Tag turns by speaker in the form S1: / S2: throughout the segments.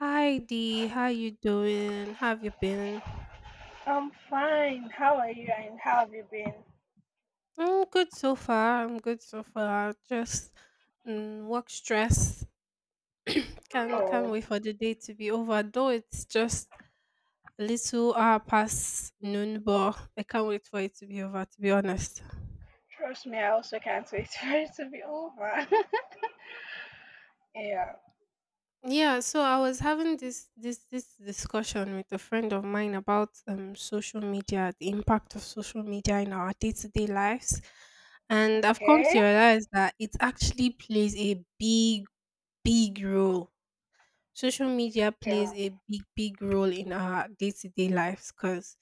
S1: Hi Dee, how you doing? How have you been?
S2: I'm fine. How are you and how have you been?
S1: I'm good so far. I'm good so far. Just work stress. Can't
S2: Oh,
S1: wait for the day to be over, though it's just a little hour past noon, but I can't wait for it to be over, to be honest.
S2: trust me, I also can't wait for it to be over. Yeah.
S1: Yeah, so I was having this discussion with a friend of mine about social media, the impact of social media in our day-to-day lives. And I've come
S2: Okay.
S1: to realize that it actually plays a big, big role. Social media plays
S2: Yeah.
S1: a big, big role in our day-to-day lives because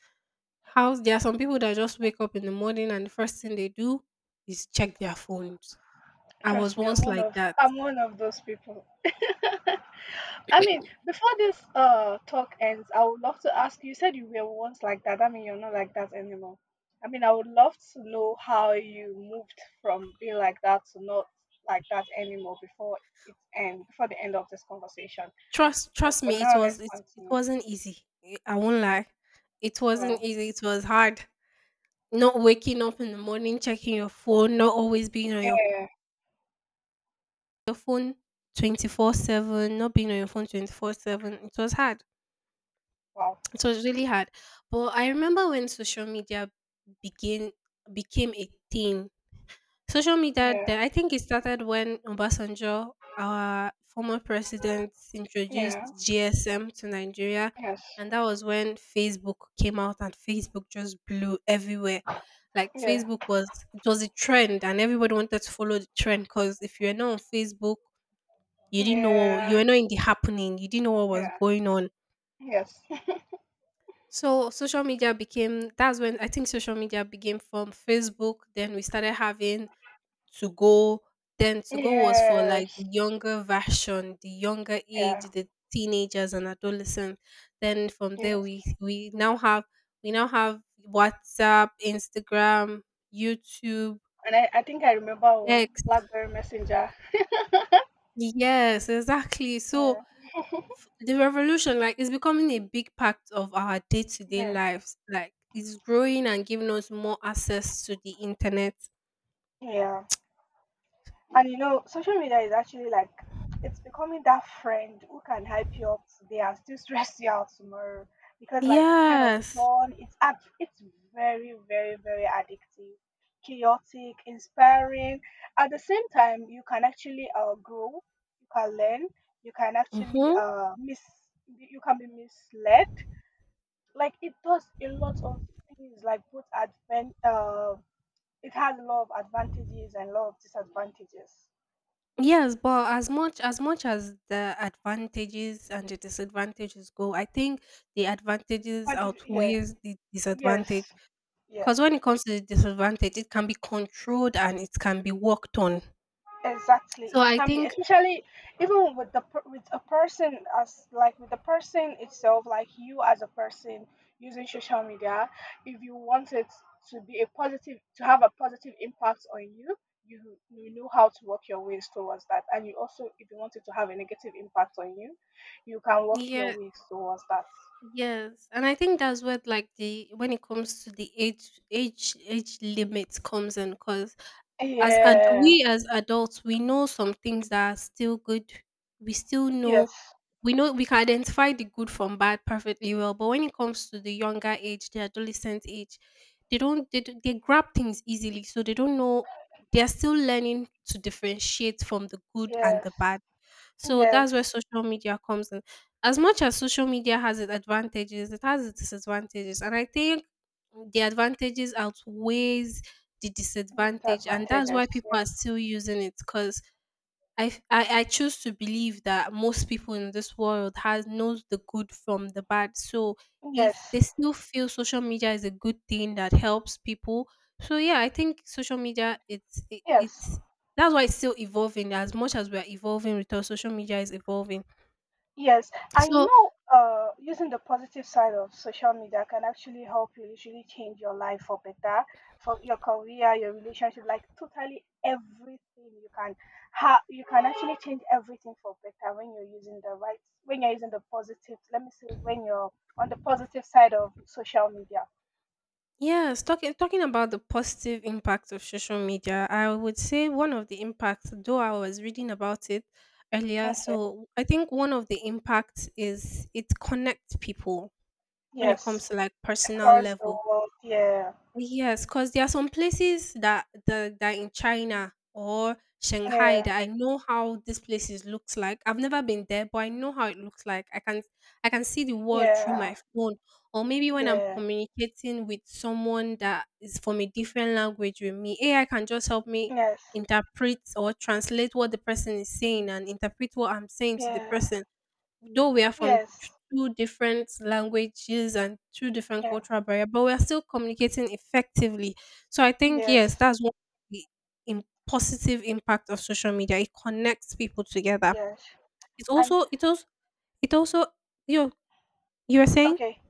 S1: how there are some people that just wake up in the morning and the first thing they do is check their phones. I was
S2: Trust me, I'm
S1: once
S2: one
S1: like
S2: of
S1: that.
S2: those people. I mean, before this talk ends, I would love to ask you, you said you were once like that. I mean you're not like that anymore. I mean I would love to know how you moved from being like that to not like that anymore before the end of this conversation.
S1: Trust
S2: But
S1: trust
S2: for
S1: me, it
S2: now,
S1: was
S2: let's
S1: it, it
S2: continue.
S1: wasn't easy. I won't lie. It wasn't
S2: Wow.
S1: easy. It was hard. Not waking up in the morning, checking your phone, not always being on your,
S2: Yeah.
S1: your phone 24/7, not being on your phone 24/7. It was hard.
S2: Wow.
S1: It was really hard. But I remember when social media began became a thing. Social media,
S2: Yeah.
S1: I think it started when Obasanjo, our former president, introduced
S2: Yeah.
S1: GSM to Nigeria.
S2: Yes.
S1: And that was when Facebook came out, and Facebook just blew everywhere. Like
S2: Yeah.
S1: Facebook was, it was a trend, and everybody wanted to follow the trend because if you were not on Facebook, you didn't know, you
S2: Yeah.
S1: were not in the happening, you didn't know what was
S2: Yeah.
S1: going on.
S2: Yes.
S1: So social media became, that's when I think social media became from Facebook. Then we started having to go. Then to go was for like
S2: Yes.
S1: the younger version, the younger
S2: Yeah.
S1: age, the teenagers and adolescents. Then from there,
S2: Yes.
S1: we now have WhatsApp, Instagram, YouTube,
S2: And I think I remember one
S1: X.
S2: Blackberry Messenger.
S1: Yes, exactly. So
S2: Yeah.
S1: the revolution, like, is becoming a big part of our day-to-day
S2: Yeah.
S1: lives, like it's growing and giving us more access to the internet.
S2: Yeah. And you know, social media is actually like it's becoming that friend who can hype you up today and still stress you out tomorrow because like it's kind of
S1: Yes.
S2: fun. It's very, very, very addictive, chaotic, inspiring. At the same time, you can actually grow, you can learn, you can actually
S1: Mm-hmm.
S2: uh miss you can be misled. Like it does a lot of things, like both advent it has a lot of advantages and a lot of disadvantages.
S1: Yes, but as much as the advantages and the disadvantages go, I think the advantages
S2: What is, yeah,
S1: outweighs the disadvantage.
S2: yes, yes,
S1: Because when it comes to the disadvantage, it can be controlled and it can be worked on.
S2: exactly.
S1: So
S2: It
S1: I
S2: can be,
S1: think,
S2: especially even with the with a person as like with the person itself, like you as a person using social media. If you want it to be a positive, to have a positive impact on you, you know how to work your ways towards that. And you also, if you want it to have a negative impact on you, you can work your
S1: yeah,
S2: ways towards that.
S1: yes, and I think that's what, like, the when it comes to the age limit comes in. Because
S2: Yeah.
S1: we as adults we know some things that are still good, we still
S2: Yes.
S1: know we know we can identify the good from bad perfectly well. But when it comes to the younger age, the adolescent age, they don't they, don't- they grab things easily, so they don't know, they're still learning to differentiate from the good and the
S2: Yes.
S1: bad. So
S2: Yes.
S1: that's where social media comes in. As much as social media has its advantages, it has its disadvantages, and I think the advantages outweighs the
S2: The
S1: disadvantage, and that's why
S2: disadvantages.
S1: people are still using it. Because I, f- I choose to believe that most people in this world has knows the good from the bad. So if
S2: Yes,
S1: they still feel social media is a good thing that helps people, so yeah, I think social media, it's it,
S2: yes,
S1: it's that's why it's still evolving. As much as we're evolving, with our social media is evolving.
S2: yes. And you
S1: So
S2: know, using the positive side of social media can actually help you literally change your life for better, for your career, your relationship, like totally everything you can ha you can actually change everything for better when you're using the right when you're using the positive, let me say when you're on the positive side of social media.
S1: yes, talking about the positive impact of social media, I would say one of the impacts, though I was reading about it earlier,
S2: Okay.
S1: so I think one of the impacts is it connects people when it
S2: Yes.
S1: comes to, like, personal
S2: Across the
S1: level.
S2: world, yeah.
S1: Yes, cause there are some places that the that in China or Shanghai,
S2: Yeah.
S1: that I know how these places looks like. I've never been there, but I know how it looks like. I can see the world through my
S2: Yeah.
S1: phone, or maybe when I'm
S2: Yeah.
S1: communicating with someone that is from a different language with me, AI can just help me
S2: Yes.
S1: interpret or translate what the person is saying and interpret what I'm saying to the
S2: Yeah.
S1: person. Though we are from
S2: Yes.
S1: two different languages and two different
S2: Yeah.
S1: cultural barrier, but we are still communicating effectively. So I think, yes,
S2: Yes,
S1: that's one of the positive impact of social media. It connects people together.
S2: yes,
S1: It's
S2: and
S1: also it also it also you know, you were saying.
S2: okay.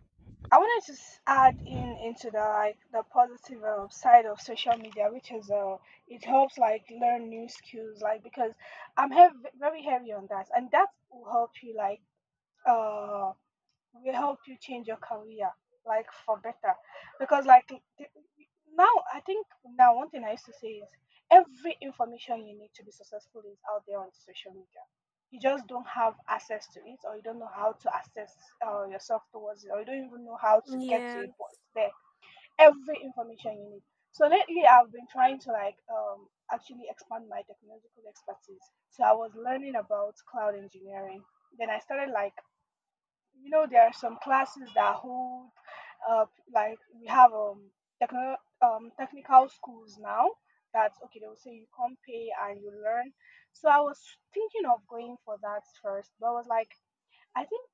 S2: I wanted to add in into the like the positive side of social media, which is it helps like learn new skills, like because I'm hev- very heavy on that, and that will help you like uh will help you change your career like for better because now i think now one thing I used to say is every information you need to be successful is out there on social media. You just don't have access to it or you don't know how to access yourself towards it or you don't even know how to get to
S1: Yeah.
S2: it, but it's there. Every information you need. So lately I've been trying to like actually expand my technological expertise. So I was learning about cloud engineering, then I started like, you know, there are some classes that hold, uh, like we have technical schools now, that okay, they will say you come pay and you learn. So I was thinking of going for that first, but I was like, I think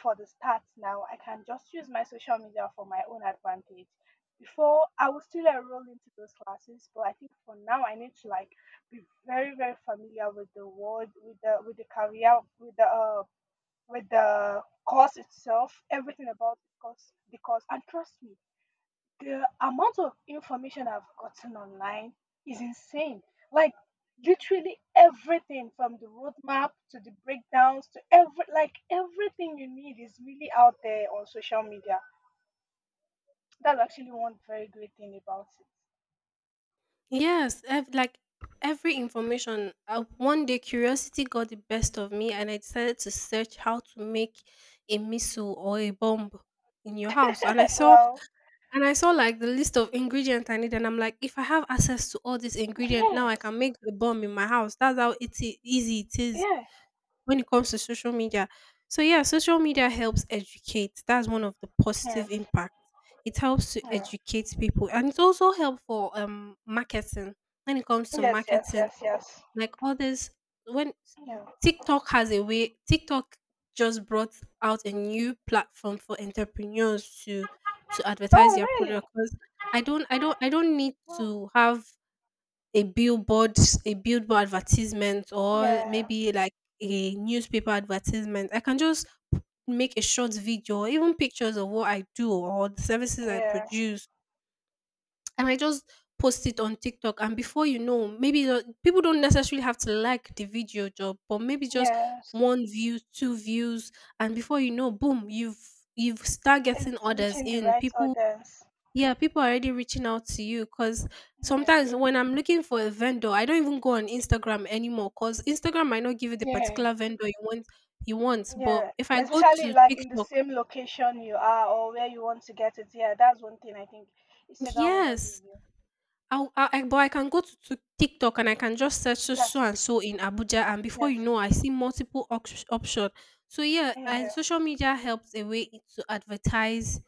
S2: for the start now I can just use my social media for my own advantage. Before I will still enroll into those classes, but I think for now I need to like be very very familiar with the world, with the career, with the with the course itself, everything about the course. Because, and trust me, the amount of information I've gotten online is insane. Like, literally everything from the roadmap to the breakdowns to every, like, everything you need is really out there on social media. That's actually one very great thing about
S1: Yes, like every information, one day curiosity got the best of me and I decided to search how to make a missile or a bomb in your house. and i
S2: it.
S1: saw
S2: Well,
S1: And I saw, like, the list of ingredients I need, and I'm like, if I have access to all these ingredients now, I
S2: yes,
S1: can make a bomb in my house. That's how it's easy it is
S2: yeah,
S1: when it comes to social media. So yeah, social media helps educate. That's one of the positive
S2: yes,
S1: impacts. It helps to
S2: yeah,
S1: educate people, and it's also helpful for marketing. When it comes to
S2: yes, yes,
S1: marketing,
S2: yes, yes.
S1: like all this, when
S2: Yeah.
S1: TikTok just brought out a new platform for entrepreneurs to advertise
S2: Oh,
S1: their
S2: really?
S1: product. Cause I don't need
S2: Oh,
S1: to have a billboard a billboard advertisement, or
S2: yeah,
S1: maybe like a newspaper advertisement. I can just make a short video or even pictures of what I do or the services I
S2: yeah.
S1: produce. I might just post it on TikTok, and before you know, maybe people don't necessarily have to like the video job, but maybe just
S2: Yes,
S1: one view, two views, and before you know, boom, you've start getting
S2: it's
S1: others
S2: reaching the
S1: in.
S2: right
S1: People,
S2: audience.
S1: yeah, people are already reaching out to you because
S2: Yeah.
S1: sometimes when I'm looking for a vendor, I don't even go on Instagram anymore because Instagram might not give you the
S2: Yeah.
S1: particular vendor you want. But
S2: Yeah,
S1: if I go
S2: especially
S1: to
S2: like in the
S1: TikTok,
S2: same location you are or where you want to get it. Yeah, that's one thing I think Instagram will not give
S1: yes,
S2: you.
S1: i but I can go to TikTok, and I can just search so so
S2: Yes,
S1: and so in Abuja, and before
S2: yes,
S1: you know, I see multiple options. So yeah, and
S2: mm,
S1: social media helps a way it to advertise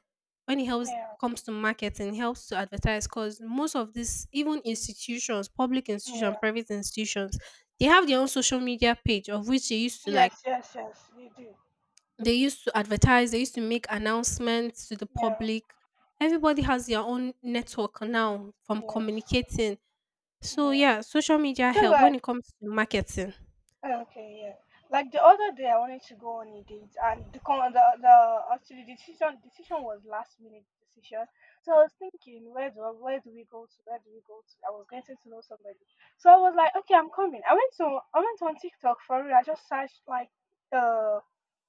S1: when it helps
S2: yeah,
S1: comes to marketing, helps to advertise because most of these even institutions, public
S2: yeah,
S1: institutions,
S2: yeah,
S1: private institutions, they have their own social media page of which
S2: yes, yes, yes, you do.
S1: they used to advertise, they used to make announcements to the
S2: Yeah,
S1: public. Everybody has their own network now from
S2: yes,
S1: communicating. So,
S2: yeah.
S1: yeah, social media
S2: Just
S1: help when
S2: like
S1: it comes to marketing.
S2: okay, yeah. Like the other day, I wanted to go on a date, and the con- the actually the decision was last minute decision. So I was thinking, where do where do we go to? Where do we go to? I was getting to know somebody, so I was like, okay, I'm coming. I went on TikTok for real. I just searched like uh,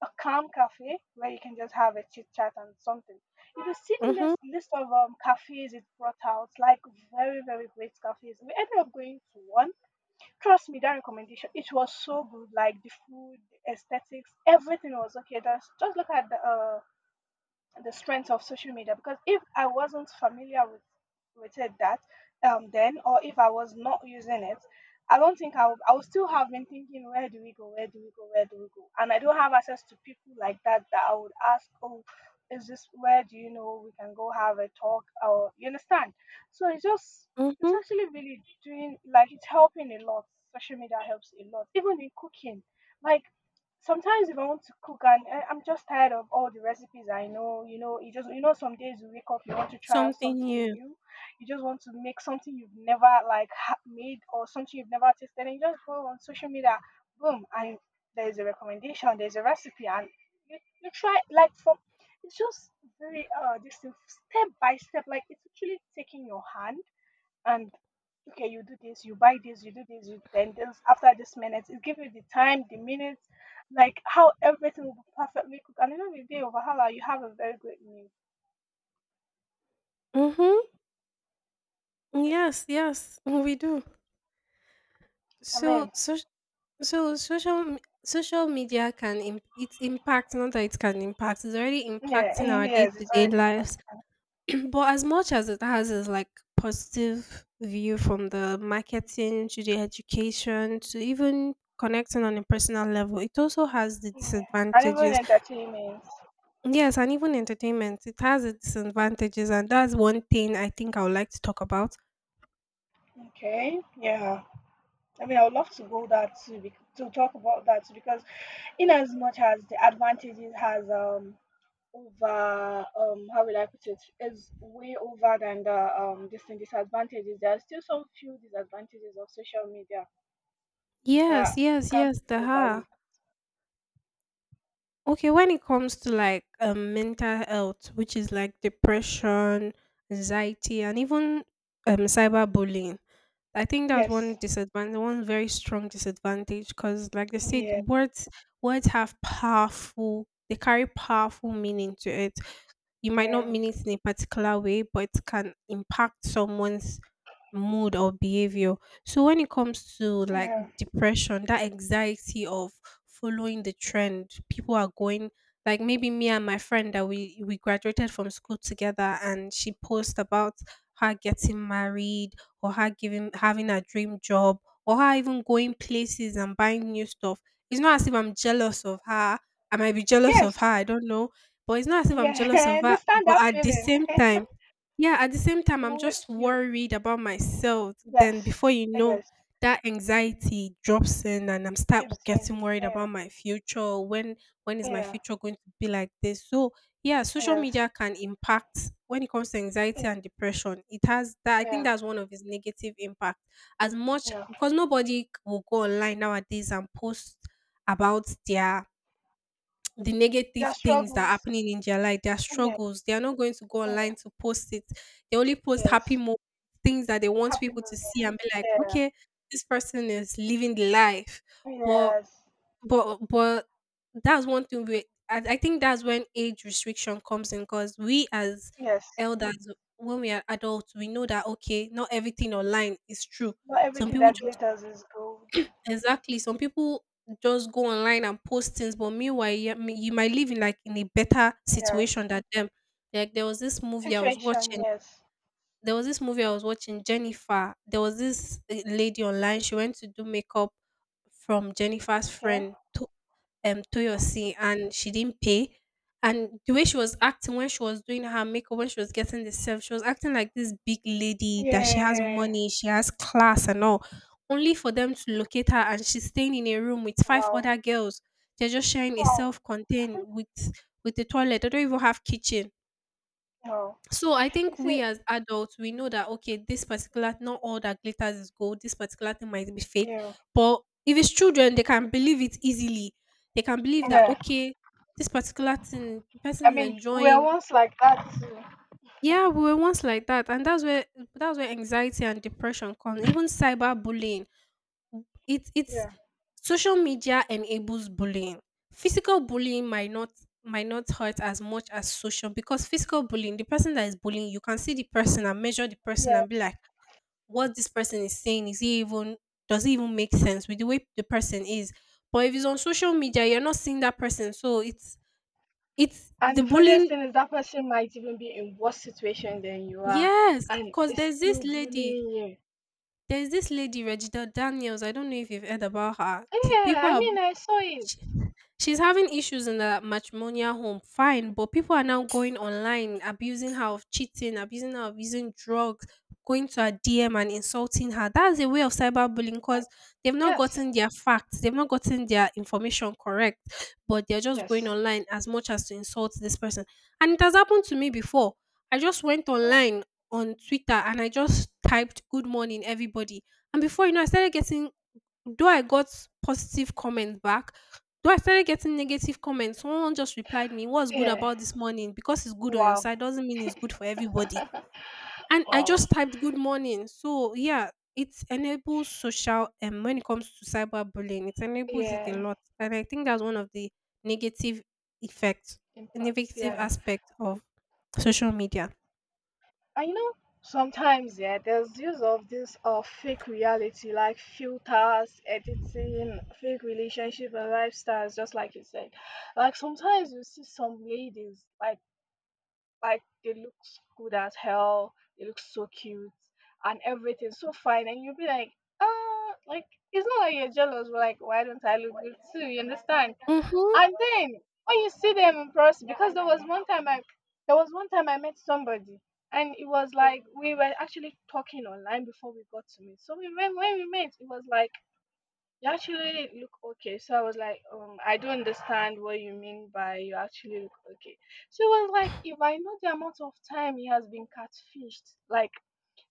S2: a calm cafe where you can just have a chit chat and something. If you see the
S1: Mhm.
S2: list of cafes it brought out, like very very great cafes. We ended up going to one. Trust me, that recommendation, it was so good. Like the food, the aesthetics, everything was okay. Just look at the strength of social media, because if I wasn't familiar with it that then or if I was not using it, I don't think I would still have been thinking where do we go, where do we go, where do we go, and I don't have access to people like that that I would ask, oh, is this where do you know we can go have a talk, or you understand, so it's just it's
S1: Mhm.
S2: actually really doing like it's helping a lot. Social media helps a lot even in cooking. Like sometimes if I want to cook and I'm just tired of all the recipes I know, you just you know some days you wake up you want to try out
S1: Something
S2: something
S1: new.
S2: new, you just want to make something you've never made or something you've never tasted, and you just go on social media, boom, and there's a recommendation, there's a recipe, and you, you try like from it's just very this thing, step by step, like it's actually taking your hand and okay you do this you buy this you do this you then this after this minute it gives you the time the minutes, like how everything will be perfectly cooked, and even the day of Wahala, you have a very great meal.
S1: Mhm. Yes, yes, we do.
S2: Yeah. I
S1: So,
S2: mean
S1: so, so, social media can its impact. Not that it can impact. It's already
S2: yeah.
S1: impacting our day
S2: Yes,
S1: to
S2: it's
S1: day
S2: already important.
S1: lives. But as much as it has is like positive view from the marketing to the education to even connecting on a personal level, it also has the
S2: Yeah. And even
S1: disadvantages.
S2: entertainment.
S1: Yes, and even entertainment, it has its advantages, and that's one thing I think I would like to talk about.
S2: Okay, yeah. I mean I would love to go that too, to talk about that too, because in as much as the advantages has over how will I put it, is way over than the this thing disadvantages. There are still some few disadvantages of social media that
S1: Yes, yes,
S2: can't
S1: yes,
S2: be
S1: the ha.
S2: overlooked.
S1: Okay, when it comes to, like, mental health, which is like depression, anxiety, and even cyberbullying, I think that's
S2: Yes.
S1: one disadvantage, one very strong disadvantage, because like they said,
S2: Yeah.
S1: words have powerful, they carry powerful meaning to it. You might not
S2: Yeah.
S1: mean it in a particular way, but it can impact someone's mood or behavior. So when it comes to like
S2: Yeah.
S1: depression, that anxiety of following the trend, people are going, like, maybe me and my friend that we graduated from school together, and she posts about her getting married, or her giving having a dream job, or her even going places and buying new stuff. It's not as if I'm jealous of her. I might be jealous of
S2: Yes.
S1: her. I don't know, but it's not as if I'm
S2: Yeah.
S1: jealous of
S2: I
S1: her,
S2: understand
S1: but
S2: that
S1: at the
S2: feeling.
S1: same time, yeah, at the same time,
S2: you
S1: I'm
S2: will-
S1: just
S2: you
S1: worried about myself. Then
S2: yes.
S1: before you know,
S2: Yes.
S1: that anxiety drops in, and I'm start
S2: Keep saying.
S1: getting worried
S2: Yeah.
S1: about my future. When is my
S2: Yeah.
S1: future going to be like this? So yeah, social
S2: Yes.
S1: media can impact when it comes to anxiety
S2: Yeah.
S1: and depression. It has that. I think
S2: Yeah.
S1: that's one of its negative impact. As much
S2: Yeah.
S1: because nobody will go online nowadays and post about the
S2: Their
S1: negative things that are
S2: struggles.
S1: happening in their life, their
S2: Yeah.
S1: struggles. They are not going to go
S2: Yeah.
S1: online to post it. They only post happy
S2: Yes.
S1: moments, things that they want
S2: Happy
S1: people to see
S2: moments.
S1: and be like,
S2: Yeah.
S1: okay, this person is living the life. But
S2: Yes.
S1: but that's one thing we, I think that's when age restriction comes in. Because we as
S2: Yes.
S1: elders, when we are adults, we know that, okay, not everything online is true.
S2: Not
S1: Some
S2: everything
S1: people
S2: that
S1: just.
S2: glitters is gold.
S1: Exactly. Some people just go online and post things, but meanwhile, you might live in like in a better
S2: Yes.
S1: situation than them. Like there was this movie I was
S2: Situation,
S1: watching.
S2: yes.
S1: There was this movie I was watching. Jennifer. There was this lady online. She went to do makeup from Jennifer's
S2: Okay.
S1: friend Toyosi, and she didn't pay. And the way she was acting when she was doing her makeup, when she was getting the self, she was acting like this big lady that she has
S2: Yeah.
S1: money, she has class and all. Only for them to locate her and she's staying in a room with five
S2: Wow.
S1: other girls. They're just sharing a
S2: Wow.
S1: self contained with the toilet. They don't even have kitchen.
S2: Wow.
S1: So I
S2: You
S1: think we
S2: see,
S1: as adults we know that okay, this particular, not all that glitters is gold. This particular thing might be fake,
S2: yeah.
S1: but if it's children, they can believe it easily. They can believe that
S2: Yeah.
S1: okay, this particular thing the person
S2: I
S1: is
S2: mean, we are
S1: enjoying.
S2: once like that too.
S1: Yeah, we were once like that, and that's where anxiety and depression come. Even cyberbullying, it's
S2: Yeah.
S1: social media enables bullying. Physical bullying might not, might not hurt as much as social, because physical bullying, the person that is bullying, you can see the person and measure the person
S2: Yeah.
S1: and be like, what this person is saying, is he even, does it even make sense with the way the person is? But if it's on social media, you're not seeing that person. So it's
S2: And
S1: the
S2: the funniest
S1: bullying.
S2: thing is that person might even be in worse situation than you are
S1: Yes,
S2: and
S1: because
S2: is still bullying you.
S1: there's this lady, Regina Daniels. I don't know if you've heard about her. She-
S2: Yeah,
S1: people
S2: I
S1: are,
S2: mean I saw it.
S1: she's having issues in the matrimonial home, fine, but people are now going online, abusing her of cheating, abusing her of using drugs, going to her DM and insulting her. That's a way of cyberbullying
S2: I,
S1: because they've not
S2: yes.
S1: gotten their facts, they've not gotten their information correct, but they're just going
S2: Yes.
S1: online as much as to insult this person. And it has happened to me before. I just went
S2: Oh.
S1: online on Twitter and I just typed good morning everybody. And before you know, I started getting, though I got positive comments back, though I started getting negative comments, someone just replied me, "What's good
S2: Yeah.
S1: about this morning? Because it's good on your
S2: Wow.
S1: side doesn't mean it's good for everybody." And I
S2: Wow.
S1: just typed "good morning." So yeah, it enables social and when it comes to cyberbullying, it enables it a
S2: Yeah.
S1: lot, and I think that's one of the negative effects,
S2: Impact.
S1: negative
S2: Yeah.
S1: aspect of social media.
S2: And you know, sometimes yeah, there's use of this fake reality like filters, editing, fake relationship and lifestyles, just like you said. Like sometimes you see some ladies like they look good as hell, they look so cute and everything so fine, and you'll be like, ah, like it's not like you're jealous, but like why don't I look good too? You understand?
S1: Mm-hmm.
S2: And then when you see them in person, because there was one time I met somebody, and it was like we were actually talking online before we got to meet. So we when we met, it was like you actually look okay. So I was like, I don't understand what you mean by you actually look okay. So it was like if I know the amount of time he has been catfished, like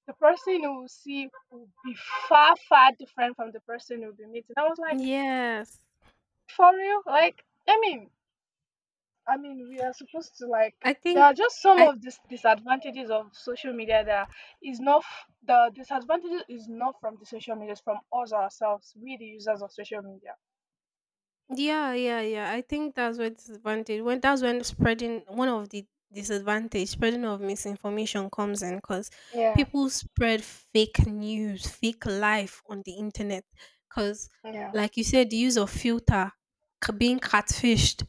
S2: the person who will see will be far, far different from the person who'll be meeting. I was like,
S1: Yes,
S2: for real? Like, I mean, I mean, we are supposed to like.
S1: I
S2: There
S1: think
S2: are just some
S1: I,
S2: of these disadvantages of social media. That is not f- the disadvantages is not from the social media, it's from us ourselves, we the users of social media.
S1: yeah, yeah, yeah. I think that's when spreading, one of the disadvantage, spreading of misinformation comes in because
S2: Yeah,
S1: people spread fake news, fake life on the internet. Because,
S2: yeah,
S1: like you said, the use of filter, being catfished.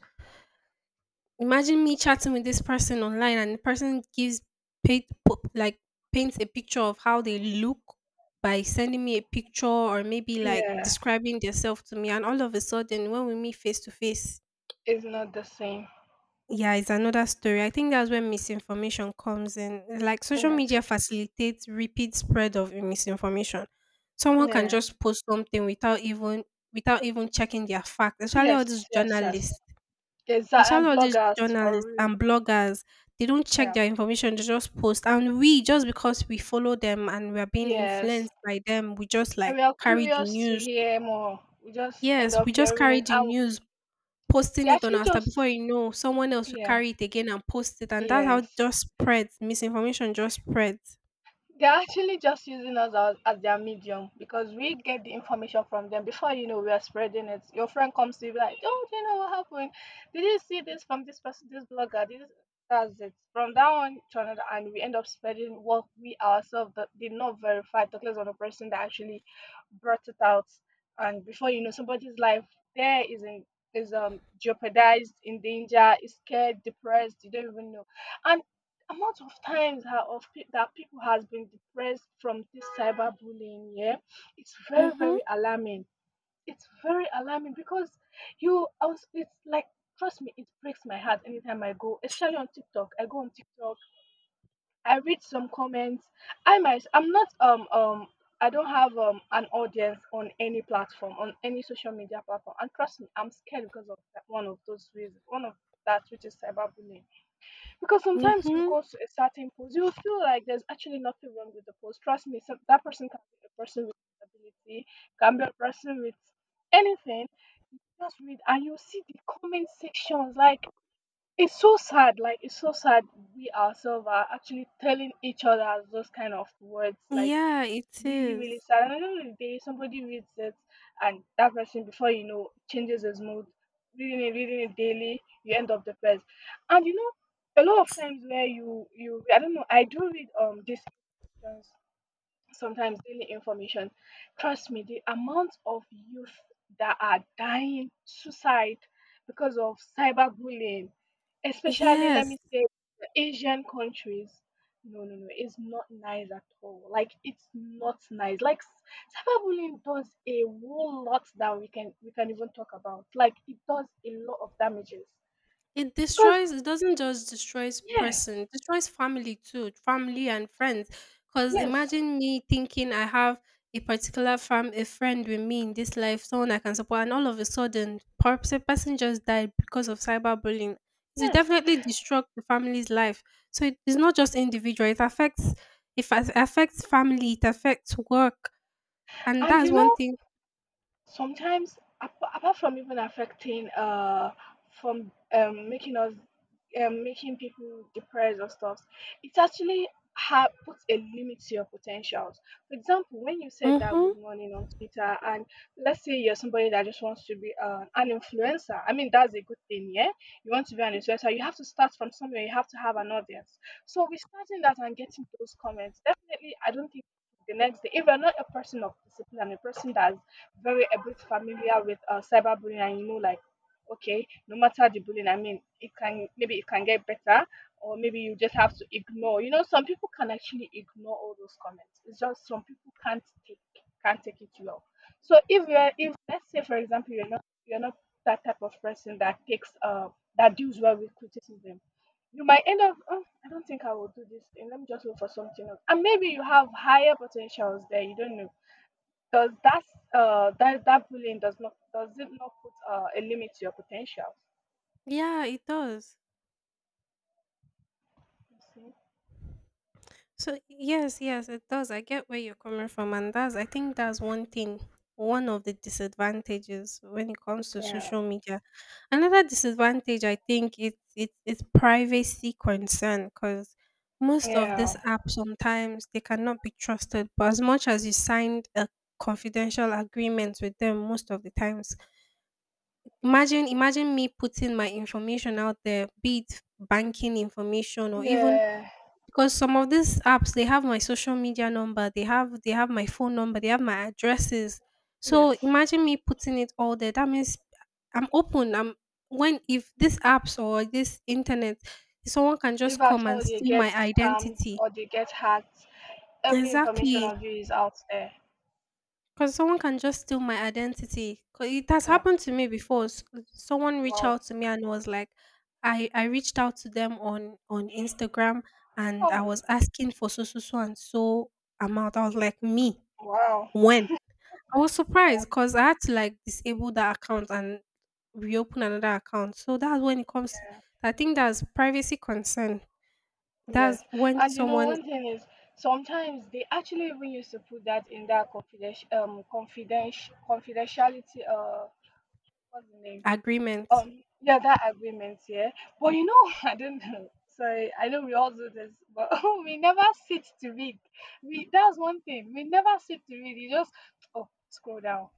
S1: Imagine me chatting with this person online and the person gives paint po- like paints a picture of how they look by sending me a picture or maybe like
S2: yeah,
S1: describing themselves to me, and all of a sudden when we meet face to face.
S2: it's not the same.
S1: Yeah, it's another story. I think that's where misinformation comes in. Like, social
S2: Yes,
S1: media facilitates repeat spread of misinformation. Someone can
S2: yeah.
S1: just post something without even, without even checking their facts. Especially all
S2: Yes,
S1: these
S2: yes, yes.
S1: journalists.
S2: Exactly.
S1: Especially
S2: And
S1: all these
S2: bloggers for
S1: journalists
S2: real.
S1: and bloggers. They don't check
S2: Yeah,
S1: their information, they just post. And we just, because we follow them and we are being
S2: yes.
S1: influenced by them, we just
S2: And
S1: like
S2: we are
S1: carry the
S2: curious to
S1: news.
S2: hear more. We just end
S1: Yes, we
S2: up
S1: just
S2: hearing
S1: carry
S2: it.
S1: the
S2: And
S1: news,
S2: they
S1: posting it on
S2: actually
S1: our status.
S2: just,
S1: Before you know, someone else will
S2: yeah,
S1: carry it again and post it, and that's how it
S2: yes.
S1: just spreads. Misinformation just spreads.
S2: They're actually just using us as their medium because, we get the information from them before you know, we're spreading it. Your friend comes to you, be like, "Oh, do you know what happened? Did you see this from this person, this blogger?" This That's it. From that one to another, and we end up spreading what we ourselves that did not verify, talking on the person that actually brought it out. And before you know, somebody's life there is in is jeopardized, in danger, is scared, depressed, you don't even know. And amount of times that that people has been depressed from this cyberbullying, yeah, it's very
S1: Mhm.
S2: very alarming. It's very alarming because it's like, trust me, it breaks my heart. Anytime I go, especially on TikTok, I go on TikTok, I read some comments. I might i'm not um um I don't have an audience on any platform, on any social media platform, and trust me, I'm scared because of that, one of those reasons, one of that which is cyberbullying. Because sometimes you
S1: Mhm.
S2: go to a certain post, you will feel like there's actually nothing wrong with the post. Trust me, that person can be a person with disability, can be a person with anything. Just read, and you see the comment sections. Like, it's so sad. Like, it's so sad. We ourselves are actually telling each other those kind of words. Like,
S1: Yeah, it
S2: really, really
S1: is.
S2: sad. And I don't know if somebody reads it and that person, before you know, changes his mood. Reading it, reading it daily, you end up depressed. And you know, a lot of times where you, I don't know, I do read these sometimes daily information. Trust me, the amount of youth that are dying suicide because of cyberbullying, especially let
S1: Yes.
S2: me say the Asian countries. No, no, no, it's not nice at all. Like, it's not nice. Like, cyberbullying does a whole lot that we can even talk about. Like, it does a lot of damages.
S1: It
S2: Because
S1: destroys, it doesn't just destroys
S2: yeah,
S1: person, it destroys family too, family and friends. Cause
S2: yes,
S1: imagine me thinking I have a particular fam a friend with me in this life, someone I can support, and all of a sudden a person just died because of cyberbullying. It will
S2: yes.
S1: definitely destruct the family's life. So it is not just individual, it affects, affects family, it affects work. And
S2: And
S1: that's
S2: you
S1: one
S2: know,
S1: thing.
S2: sometimes apart from even affecting from making us making people depressed or stuff, it actually puts a limit to your potentials. For example, when you said that
S1: Mm-hmm.
S2: good morning on Twitter, and let's say you're somebody that just wants to be an influencer, I mean, that's a good thing, yeah. You want to be an influencer, you have to start from somewhere, you have to have an audience. So we starting that and getting those comments, definitely, I don't think the next day, if you're not a person of discipline, a person that's very a bit familiar with cyberbullying, and you know, like, okay, no matter the bullying, I mean, it can, maybe it can get better, or maybe you just have to ignore, you know, some people can actually ignore all those comments, it's just some people can't take it well. So if you're, if let's say, for example, you're not, you're not that type of person that takes that deals well with criticism, you might end up, "Oh, I don't think I will do this thing, let me just look for something else," and maybe you have higher potentials there, you don't know. Does that, that bullying, does not does it not put a limit to your potential?
S1: Yeah, it does.
S2: You see?
S1: So yes, yes, it does. I get where you're coming from, and that's, I think that's one thing, one of the disadvantages when it comes to
S2: Yeah.
S1: social media. Another disadvantage, I think, it's privacy concern, because most of these
S2: Yeah.
S1: apps sometimes they cannot be trusted. But as much as you signed a confidential agreement with them, most of the times, imagine me putting my information out there, be it banking information or even,
S2: Yeah.
S1: because some of these apps they have my social media number, they have my phone number, they have my addresses. So
S2: Yes.
S1: imagine me putting it all there, that means I'm open, I'm, when if these apps or this internet, someone can
S2: If
S1: just
S2: at
S1: come and
S2: all you
S1: steal
S2: get
S1: my
S2: scammed
S1: identity.
S2: or you get hacked, every information
S1: Exactly.
S2: of you is out there.
S1: 'Cause someone can just steal my identity. 'Cau it has
S2: Yeah.
S1: happened to me before. S someone reached
S2: Wow.
S1: out to me and was like, I reached out to them on Instagram and I
S2: Oh.
S1: was asking for so, so, so and so amount. I was like, "Me?
S2: Wow.
S1: When?" I was surprised, cause I had to, like, disable that account and reopen another account. So that's when it comes, I think that's privacy concern. That's
S2: Yes.
S1: when
S2: And you know,
S1: someone,
S2: one thing is, sometimes they actually even used to put that in that confidentiality, uh, what's the name?
S1: agreement.
S2: Yeah, that agreement, yeah. But you know, I don't know. Sorry, I know we all do this, but we never sit to read. We That's one thing. We never sit to read. You just, oh, scroll down,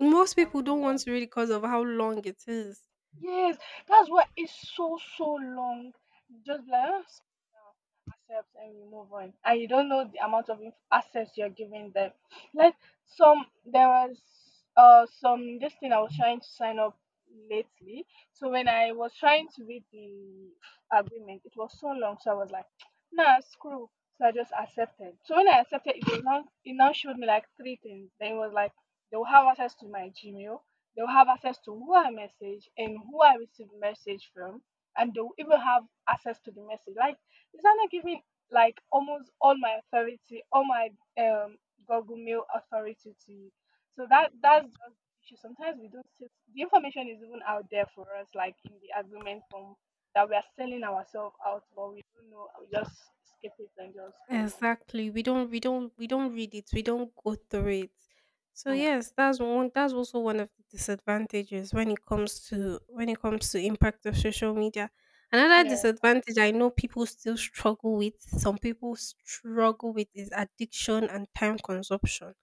S1: Most
S2: and
S1: people
S2: we
S1: don't
S2: move
S1: want
S2: on.
S1: to read because of how long it is.
S2: Yes, that's why it's so long. Just be like, "Ah, accept," and you move on, and you don't know the amount of access you're giving them. Like, some there was some, this thing I was trying to sign up lately. So when I was trying to read the agreement, it was so long. So I was like, "Nah, screw." So I just accepted. So when I accepted, it was not. It now showed me like three things. Then it was like, they will have access to my Gmail, they'll have access to who I message and who I receive message from, and they'll even have access to the message. Like, is that not giving like almost all my authority, all my um Google Mail authority to you? So that that's just the issue. Sometimes we don't see. The information is even out there for us, like in the agreement form, that we are selling ourselves out, but we don't know. We just skip it and just go
S1: Exactly. We don't read it. We don't go through it. So
S2: on. Yeah.
S1: yes, that's one, that's also one of the disadvantages when it comes to, when it comes to impact of social media. Another
S2: Yeah,
S1: disadvantage I know people still struggle with, some people struggle with, is addiction and time consumption.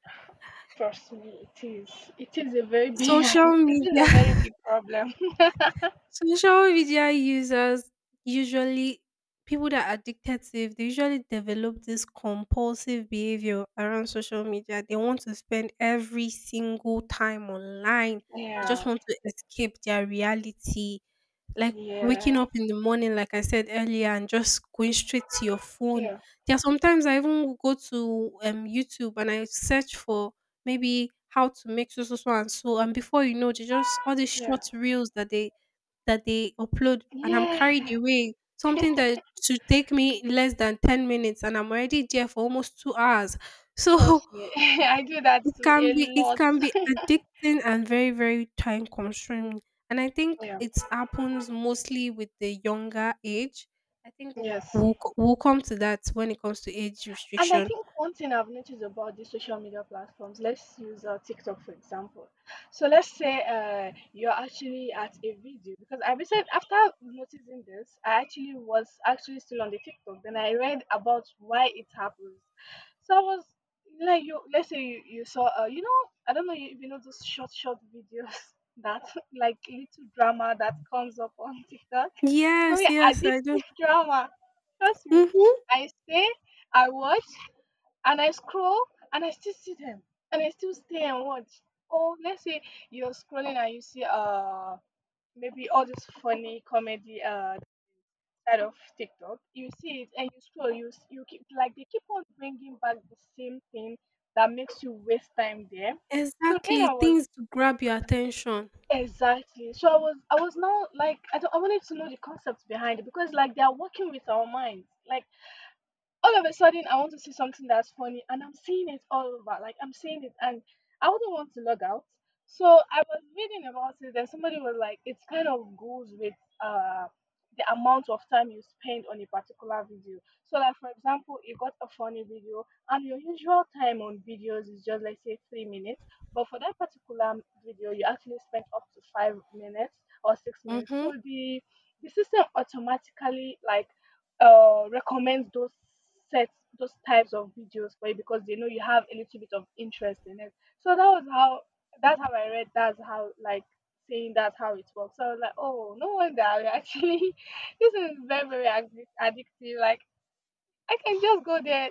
S2: trust me, it is. It is a very big.
S1: Social
S2: It is
S1: media,
S2: a very big problem.
S1: so, social media users usually, people that are addicted to it, they usually develop this compulsive behavior around social media. They want to spend every single time online. They just
S2: Yeah,
S1: want to escape their reality. Like waking
S2: yeah,
S1: up in the morning, like I said earlier, and just going straight to your phone.
S2: yeah,
S1: There are sometimes I even go to YouTube and I search for maybe how to make so so so and so, and before you know, they just, all these
S2: yeah,
S1: short reels that they, that they upload, and I'm carried
S2: yeah.
S1: away. Something that should take me less than 10 minutes and I'm already there for almost 2 hours. So
S2: Trust me, I do that
S1: it
S2: to
S1: can
S2: a
S1: be it
S2: lot.
S1: can be addicting and very very time consuming. And I think
S2: Yeah,
S1: it happens mostly with the younger age. I think
S2: yes.
S1: we'll come to that when it comes to age
S2: And I
S1: restriction.
S2: think one thing I've noticed about the social media platforms, let's use TikTok for example. So let's say, you're actually at a video, because I recently, after noticing this, I actually was actually still on the TikTok. Then I read about why it happens. So I was like, you let's say you saw you know, I don't know if you know those short videos that like little drama that comes up on TikTok,
S1: Yes,
S2: very
S1: yes, I do.
S2: addictive drama. Trust me,
S1: Mm-hmm.
S2: I stay, I watch and I scroll and I still see them and I still stay and watch. Or let's say you're scrolling and you see maybe all this funny comedy, side of TikTok, you see it and you scroll, you keep, like, they keep on bringing back the same thing that makes you waste time there. So then I
S1: Exactly.
S2: was
S1: Things to grab your attention.
S2: exactly, so I was, I was now like, I don't, I wanted to know the concept behind it, because like they are working with our minds. Like, all of a sudden I want to see something that's funny and I'm seeing it all over. Like, I'm seeing it and I wouldn't want to log out. So I was reading about it and somebody was like, it kind of goes with uh the amount of time you spend on a particular video. So like, for example, you got a funny video and your usual time on videos is just, let's say, 3 minutes, but for that particular video you actually spent up to 5 minutes or 6 minutes.
S1: Mm-hmm.
S2: So the system automatically, like, recommend those sets, those types of videos for you, because they know you have a little bit of interest in it. So that was how, that's how, like, saying, that's how it works. So I was like, oh, no wonder. I actually, this is very addictive. Like, I can just go there,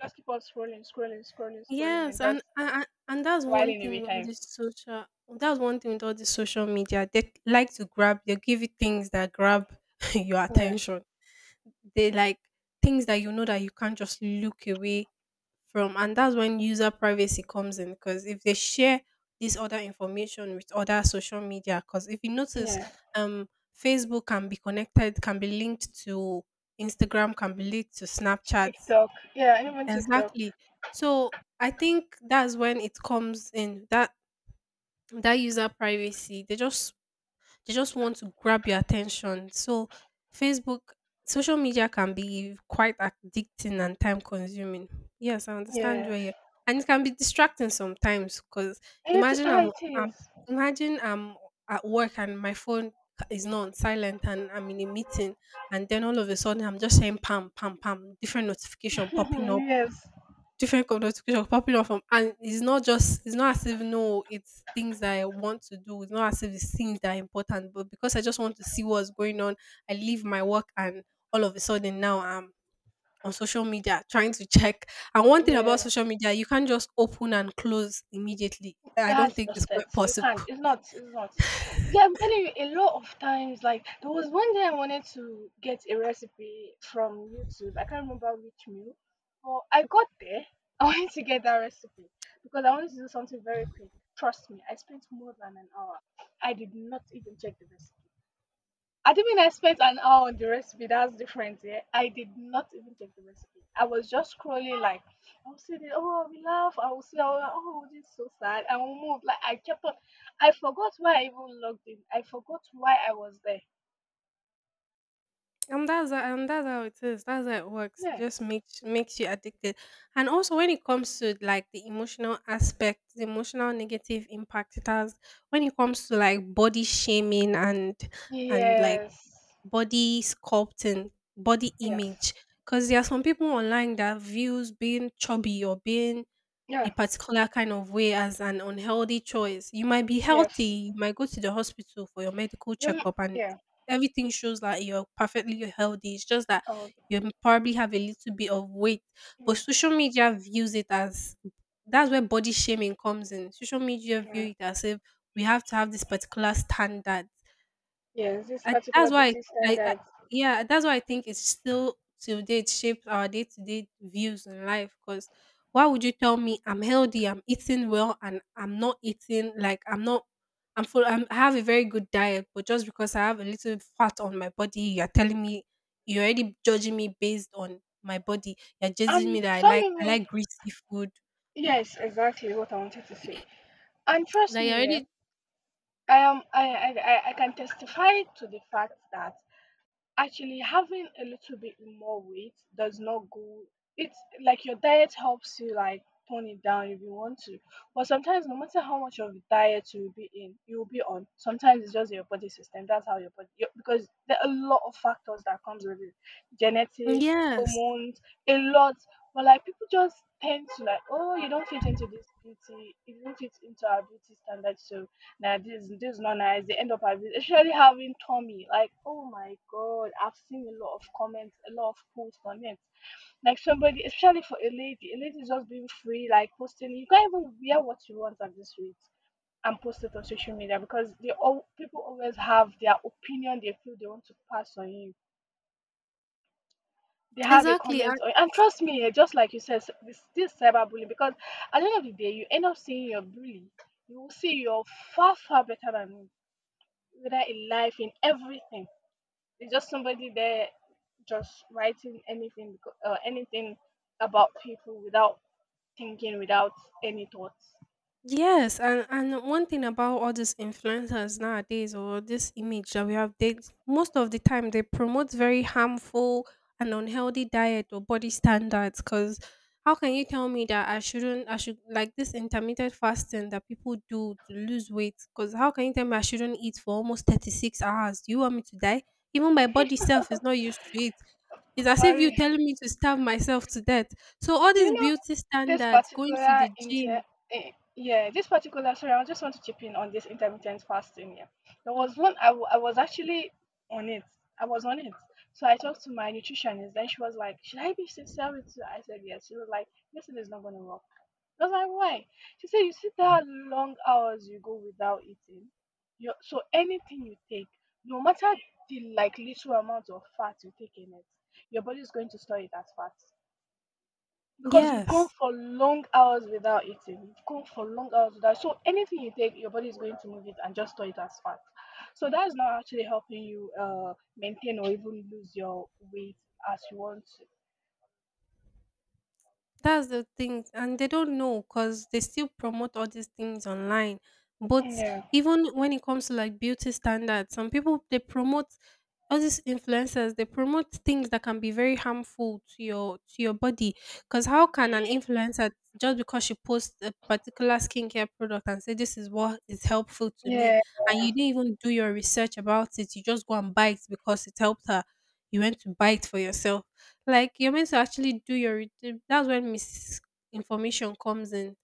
S2: just keep on scrolling, scrolling, scrolling, scrolling,
S1: Yes,
S2: and just
S1: and that's one
S2: whiling
S1: thing
S2: away
S1: with all
S2: time.
S1: this social. That's one thing with all this social media. They like to grab. They give you things that grab your
S2: Yeah.
S1: attention. They like things that you know that you can't just look away from, and that's when user privacy comes in. Because if they share this other information with other social media, because if you notice,
S2: Yeah.
S1: um, Facebook can be connected, can be linked to Instagram, can be linked to Snapchat.
S2: TikTok. Yeah, even TikTok.
S1: Exactly. So I think that's when it comes in, that that user privacy. They just want to grab your attention. So Facebook, social media, can be quite addicting and time consuming. Yes, I understand
S2: Yeah,
S1: where you, and it can be distracting sometimes because
S2: it,
S1: imagine
S2: ah, it
S1: I'm
S2: is.
S1: imagine I'm at work and my phone is not on silent and I'm in a meeting, and then all of a sudden I'm just saying pam pam pam, different notification popping up,
S2: Yes.
S1: different connotation popular from, and it's not just, it's not as if, no, it's things that I want to do, it's not as if it's things that are important, but because I just want to see what's going on, I leave my work and all of a sudden now I'm on social media trying to check. And one thing about
S2: Yeah.
S1: social media, you can't just open and close immediately, I don't
S2: That's
S1: think it's
S2: just it.
S1: quite
S2: You
S1: possible.
S2: can't. It's not. It's not. Yeah, I'm telling you, a lot of times, like there was one day I wanted to get a recipe from YouTube. I can't remember which meal, but I got there. I wanted to get that recipe because I wanted to do something very quick. Trust me, I spent more than an hour. I did not even check the recipe. I didn't expect an hour on the recipe. That's different. Yeah, I did not even check the recipe. I was just scrolling, like, I'll see the, oh, we laugh. I will see, oh, oh, this is so sad. I will move. Like, I kept on. I forgot why I even logged in. I forgot why I was there.
S1: And that's how it is. That's how it works. It
S2: Yeah.
S1: just makes you addicted. And also when it comes to like the emotional aspect, the emotional negative impact it has when it comes to like body shaming and and like
S2: Yes.
S1: body sculpting, body
S2: Yes.
S1: image. Because there are some people online that views being chubby or being a
S2: Yeah.
S1: particular kind of way as an unhealthy choice. You might be
S2: Yes.
S1: healthy, you might go to the hospital for your medical
S2: You. m-
S1: checkup, and
S2: Yeah.
S1: everything shows that you're perfectly healthy. It's just that
S2: Oh,
S1: you probably have a little bit of weight. But
S2: wait.
S1: social media views it as, that's where body shaming comes in. Social media view
S2: Yeah.
S1: it as if we have to have this particular standard.
S2: Yes. This
S1: I, that's
S2: particular
S1: why
S2: beauty
S1: I
S2: standards.
S1: Yeah, that's why I think it's still till date shapes our day-to-day views in life, because why would you tell me I'm healthy, I'm eating well, and I'm not eating, like, I'm not, I'm full. I have a very good diet, but just because I have a little fat on my body, you're telling me, you're already judging me based on my body. You're judging me
S2: And
S1: that i
S2: some
S1: like i
S2: even.
S1: like greasy food.
S2: Yes, exactly what I wanted to say. And trust
S1: Like you're
S2: me, yeah,
S1: already
S2: I am I can testify to the fact that actually having a little bit more weight does not go, it's, like, your diet helps you like tone it down if you want to. But sometimes, no matter how much of a diet you'll be on. Sometimes it's just your body system. That's how because there are a lot of factors that comes with it. Genetics,
S1: Yes,
S2: hormones, a lot. But like, people just tend to like, "Oh, you don't fit into this beauty, you don't fit into our beauty standards," so nah, this is not nice. They end up as especially having Tommy. Like, oh my god, I've seen a lot of comments, a lot of posts on it. Like somebody, especially for a lady is just being free, like posting. You can't even wear what you want at this rate and post it on social media because they all people always have their opinion they feel they want to pass on you. They have a
S1: exactly.
S2: comment on, and trust me, just like you said, this cyberbullying because at the end of the day, you end up seeing your bully. You will see you're far better than him whether in life, in everything. There's just somebody there just writing anything anything about people without thinking, without any thoughts.
S1: Yes, and one thing about all these influencers nowadays, or this image that we have, they most of the time they promote very harmful and unhealthy diet or body standards. Cause how can you tell me that I shouldn't I should like this intermittent fasting that people do to lose weight? Cause how can you tell me I shouldn't eat for almost 36 hours? Do you want me to die? Even my body self is not used to it. It's as if
S2: For
S1: you telling me to starve myself to death. So all
S2: do you
S1: these
S2: know
S1: beauty
S2: this
S1: standards, going to
S2: particular
S1: the gym.
S2: inter? Yeah, this particular. Sorry, I just want to chip in on this intermittent fasting. Yeah, there was
S1: Mhm.
S2: one. I was actually on it. I was on it. So I talked to my nutritionist. Then she was like, "Should I be sincere with you?" I said, "Yes." She was like, "This thing is not going to work." I was like, "Why?" She said, "You see how long hours you go without eating. You so anything you take, no matter the like little amount of fat you take in it, your body is going to store it as fat." Because you've gone
S1: Yes,
S2: for long hours without eating, you've gone for long hours without, so anything you take your body is going to move it and just store it as fat, so that is not actually helping you maintain or even lose your weight as you want to.
S1: that's the thing, and they don't know because they still promote all these things online. But
S2: Yeah,
S1: even when it comes to like beauty standards, some people they promote all these influencers. They promote things that can be very harmful to your body. Because how can an influencer, just because she posts a particular skincare product and say this is what is helpful to me,
S2: yeah,
S1: and you didn't even do your research about it, you just go and buy it because it helped her? You went to buy it for yourself. Like, you're meant to actually do your that's when misinformation comes in.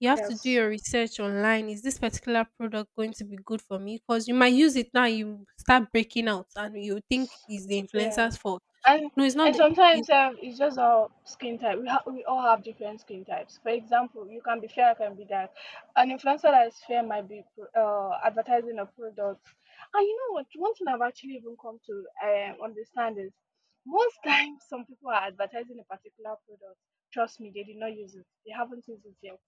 S1: You have to do
S2: yes,
S1: your research online. Is this particular product going to be good for me? Because you might use it now, you start breaking out and you think it's the
S2: yeah,
S1: influencer's fault.
S2: and
S1: No, it's not.
S2: and
S1: It,
S2: sometimes it's just our skin type. We all have different skin types. For example, you can be fair, I can be dark. An influencer that is fair might be advertising a product. And you know what? One thing I've actually even come to understand is most times some people are advertising a particular product. Trust me, they did not use it. They haven't used it yet.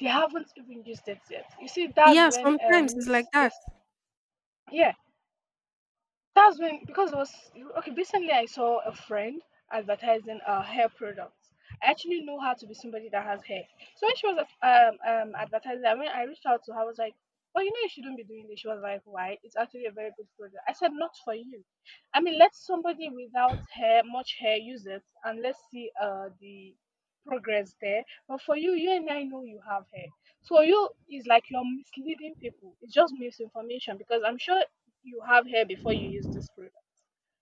S2: They haven't even used it yet. You see, that's
S1: yeah,
S2: when
S1: sometimes it's like that.
S2: yeah, that's when because it was okay. Recently, I saw a friend advertising hair products. I actually know her to be somebody that has hair. So when she was advertising, I mean, I reached out to her. I was like, "Well, you know, you shouldn't be doing this." She was like, "Why? It's actually a very good product." I said, "Not for you. I mean, let somebody without hair, much hair, use it, and let's see the progress there. But for you, you and I know you have hair. So you is like you're misleading people. It's just misinformation because I'm sure you have hair before you use this product.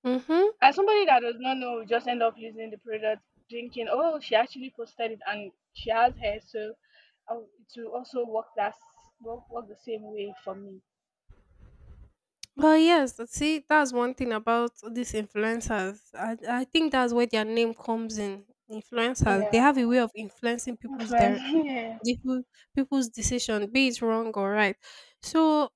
S1: Mm-hmm.
S2: As somebody that does not know, we just end up using the product, thinking, oh, she actually posted it and she has hair, so I to also work work, work the same way for me.
S1: But yes, see, that's one thing about these influencers. I think that's where their name comes in. Influencers, they
S2: Yeah.
S1: have a way of influencing people's
S2: Influence.
S1: direction.
S2: Yeah.
S1: the peo- People's decision, be it wrong or right. So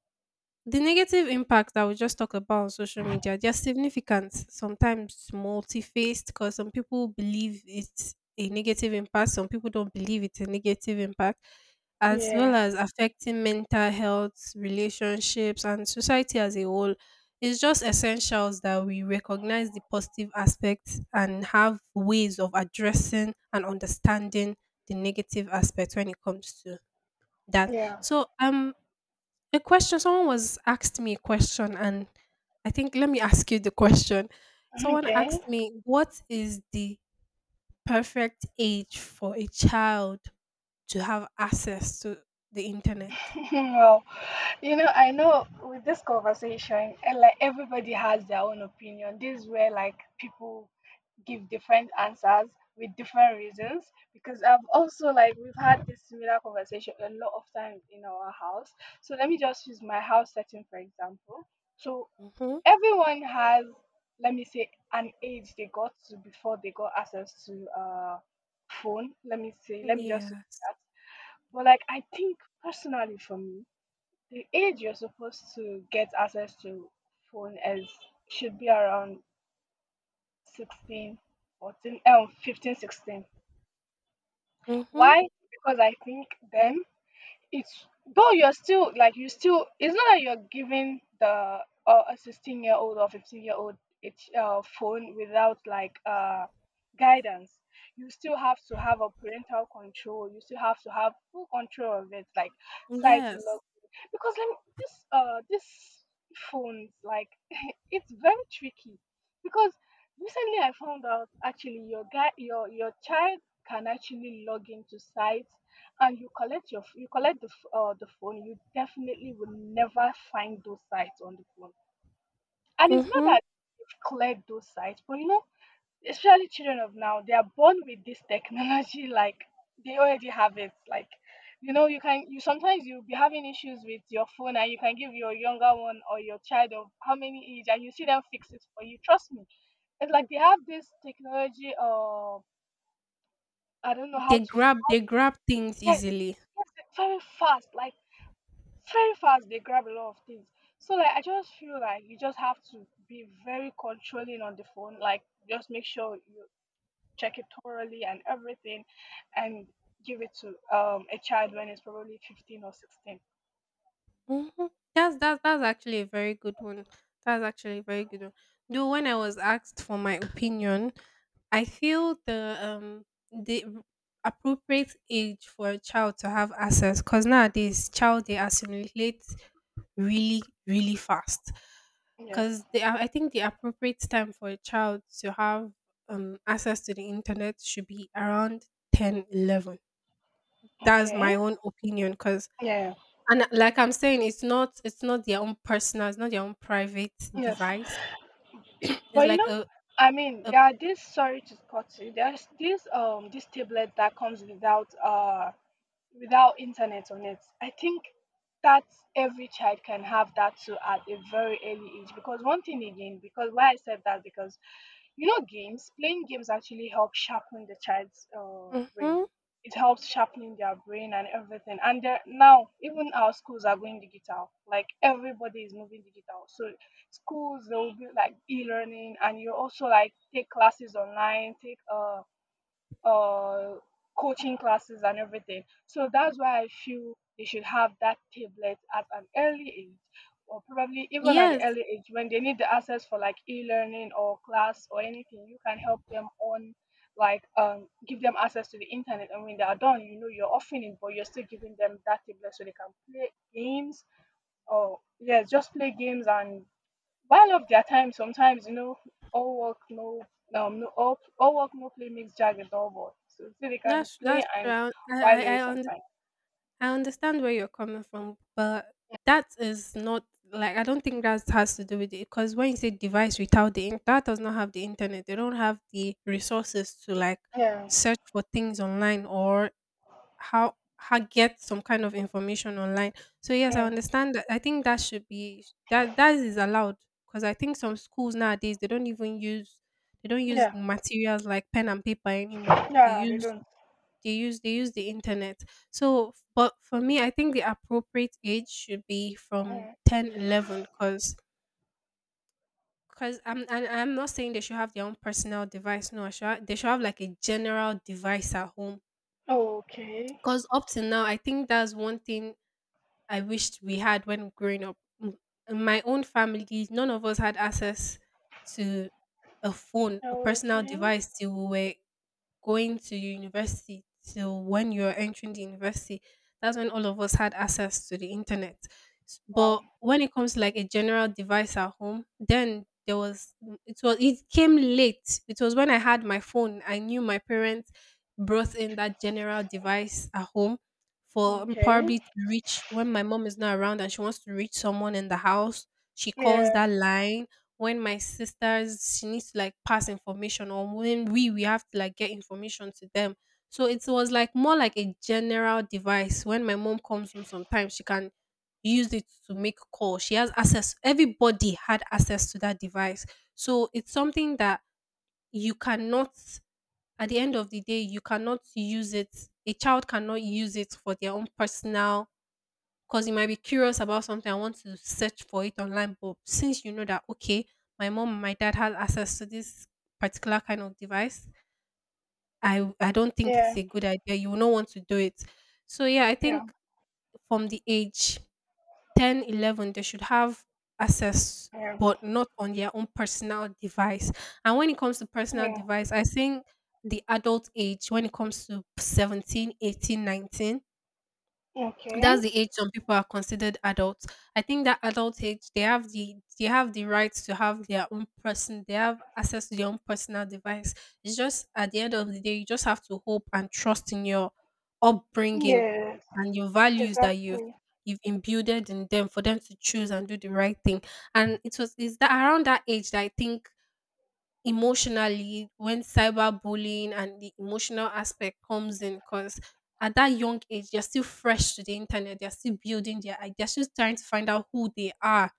S1: the negative impact that we just talked about on social media, they're significant, sometimes multi-faced, because some people believe it's a negative impact, some people don't believe it's a negative impact, as well
S2: Yeah.
S1: as affecting mental health, relationships, and society as a whole. It's just essentials that we recognize the positive aspects and have ways of addressing and understanding the negative aspects when it comes to that.
S2: Yeah.
S1: So, a question, someone was asked me a question, and I think, let me ask you the question. Someone
S2: Okay.
S1: asked me, what is the perfect age for a child to have access to the internet?
S2: Well, you know, I know with this conversation, and like everybody has their own opinion. This is where like people give different answers with different reasons because I've also like we've had this similar conversation a lot of times in our house. So let me just use my house setting for example. So
S1: Mm-hmm.
S2: everyone has, let me say, an age they got to before they got access to phone. Let me say, let me just use
S1: Yes.
S2: that. But like I think personally for me, the age you're supposed to get access to phone is should be around 16, 14, 15, 16.
S1: Mm-hmm.
S2: Why? Because I think then it's though you're still like you still it's not that you're giving the a 16 year old or 15 year old it's phone without like guidance, you still have to have a parental control, you still have to have full control of it like site
S1: Yes.
S2: lock, because let me, this phones like it's very tricky because recently I found out actually your guy your child can actually log into sites, and you collect your you collect the phone, you definitely will never find those sites on the phone. And it's not
S1: Mm-hmm.
S2: that you've cleared those sites, but you know, especially children of now, they are born with this technology. Like they already have it. Like you know, you can you sometimes you'll be having issues with your phone, and you can give your younger one or your child of how many age, and you see them fix it for you. Trust me, it's like they have this technology. I don't know how
S1: They
S2: to.
S1: grab they grab things
S2: Yes,
S1: easily.
S2: yes, very fast. Like very fast they grab a lot of things. So like I just feel like you just have to be very controlling on the phone. Like just make sure you check it thoroughly and everything and give it to a child when it's probably 15 or 16.
S1: Mm-hmm. That's actually a very good one. That's actually a very good one. Though when I was asked for my opinion, I feel the appropriate age for a child to have access, because nowadays child they assimilate really really fast
S2: Yes.
S1: because they are, I think the appropriate time for a child to have access to the internet should be around 10, 11. That's
S2: Okay.
S1: my own opinion, because
S2: Yeah.
S1: and like I'm saying, it's not their own personal, it's not their own private
S2: Yes.
S1: device. It's
S2: But you
S1: like
S2: know, I mean,
S1: a
S2: there are these. Sorry to cut you. There's this tablet that comes without without internet on it. I think that every child can have that too at a very early age. Because one thing again, because why I said that, because you know, games, playing games actually help sharpen the child's brain.
S1: mhm.
S2: It helps sharpening their brain and everything. And there- now, even our schools are going digital. Like everybody is moving digital. So schools, they will be like e-learning, and you also like take classes online, take uh, coaching classes and everything. So that's why I feel they should have that tablet at an early age, or probably even at the
S1: Yes,
S2: early age when they need the access for like e-learning or class or anything. You can help them on like give them access to the internet, and when they are done, you know, you're offering it, but you're still giving them that tablet so they can play games, or yes, just play games and while of their time. Sometimes, you know, all work no no all, all work no play makes Jack a dull boy. So so they can
S1: that's
S2: play
S1: that's true.
S2: and
S1: I
S2: while
S1: I
S2: away
S1: I understand.
S2: sometimes.
S1: I understand where you're coming from, but that is not, like, I don't think that has to do with it, because when you say device without the in-, that does not have the internet, they don't have the resources to like
S2: Yeah,
S1: search for things online, or how get some kind of information online. So yes, I
S2: yeah,
S1: understand that. I think that should be, that that is allowed, because I think some schools nowadays they don't even use they don't use
S2: yeah,
S1: materials like pen and paper anymore.
S2: yeah, they don't.
S1: They use the internet. But for me, I think the appropriate age should be from
S2: Yeah.
S1: 10, 11, because I'm not saying they should have their own personal device. No, they should have like a general device at home,
S2: Okay,
S1: because up to now I think that's one thing I wished we had when growing up. M- in my own family, none of us had access to a phone, a personal
S2: okay,
S1: device, till we were going to university, till when you're entering the university. That's when all of us had access to the internet.
S2: wow,
S1: But when it comes to like a general device at home, then there was, it came late. It was when I had my phone. I knew my parents brought in that general device at home for
S2: okay,
S1: probably to reach when my mom is not around and she wants to reach someone in the house. She calls
S2: yeah,
S1: that line when my sisters she needs to like pass information, or when we have to like get information to them. So it was like more like a general device. When my mom comes home, sometimes she can use it to make call. She has access, everybody had access to that device. So it's something that you cannot, at the end of the day, you cannot use it. A child cannot use it for their own personal, because you might be curious about something and want to search for it online. But since you know that, okay, my mom and my dad had access to this particular kind of device, I don't think it's
S2: yeah,
S1: a good idea. You will not want to do it. So, yeah, I
S2: yeah,
S1: think from the age 10, 11, they should have access,
S2: yeah,
S1: but not on their own personal device. And when it comes to personal
S2: yeah,
S1: device, I think the adult age, when it comes to 17, 18, 19, that's
S2: okay,
S1: the age some people are considered adults. I think that adult age, they have the right to have they have access to their own personal device. It's just at the end of the day, you just have to hope and trust in your upbringing
S2: yes,
S1: and your values that you've
S2: exactly,
S1: you've imbued in them, for them to choose and do the right thing. And it was is that around that age that I think, emotionally, when cyberbullying and the emotional aspect comes in, because at that young age they're still fresh to the internet. They're still building their I- They're still trying to find out who they are,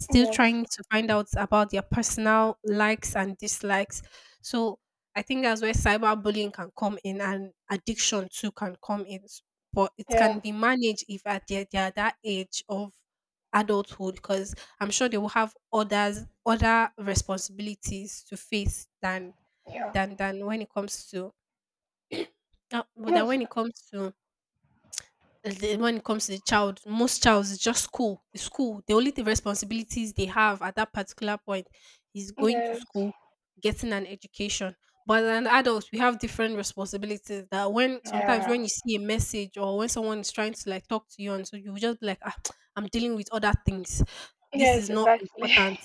S1: still
S2: yes,
S1: trying to find out about their personal likes and dislikes. So I think that's where cyberbullying can come in, and addiction too can come in. But it can
S2: yeah,
S1: be managed if at the, they are that age of adulthood, because I'm sure they will have others other responsibilities to face than
S2: yeah,
S1: than than when it comes to than
S2: yes,
S1: when it comes to the- when it comes to the child. Most childs is just school. It's school. The responsibilities they have at that particular point is going to
S2: yes,
S1: school, getting an education. But as an adult, we have different responsibilities. That when sometimes when
S2: yeah,
S1: you see a message, or when someone is trying to like talk to you, and so you will just be like, ah, I'm dealing with other things. This is
S2: yes,
S1: not
S2: exactly.
S1: important.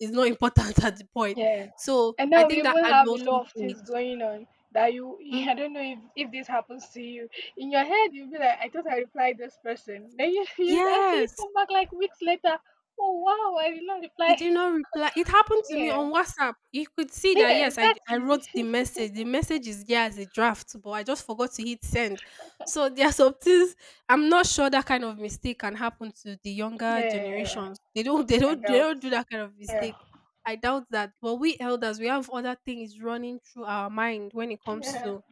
S1: It's not important at the point.
S2: Yeah.
S1: So
S2: And
S1: I
S2: now we
S1: think that
S2: even have a
S1: adulthood
S2: lot of
S1: age.
S2: things going on that you,
S1: Mm,
S2: I don't know if this happens to you. In your head, you'll be like, I thought I replied this person. Then you, you actually
S1: yes.
S2: come back like weeks later. Oh, wow, I did not
S1: I
S2: reply.
S1: did not reply. It happened to me
S2: Yeah.
S1: on WhatsApp. You could see that,
S2: Yeah,
S1: yes, I
S2: exactly.
S1: wrote the message. The message is there as a draft, but I just forgot to hit send. So there are some things I'm not sure that kind of mistake can happen to the younger
S2: Yeah.
S1: generations. They don't do
S2: Adults.
S1: that kind of
S2: Yeah.
S1: mistake. I doubt that. But we elders, we have other things running through our mind when it comes
S2: Yeah.
S1: to.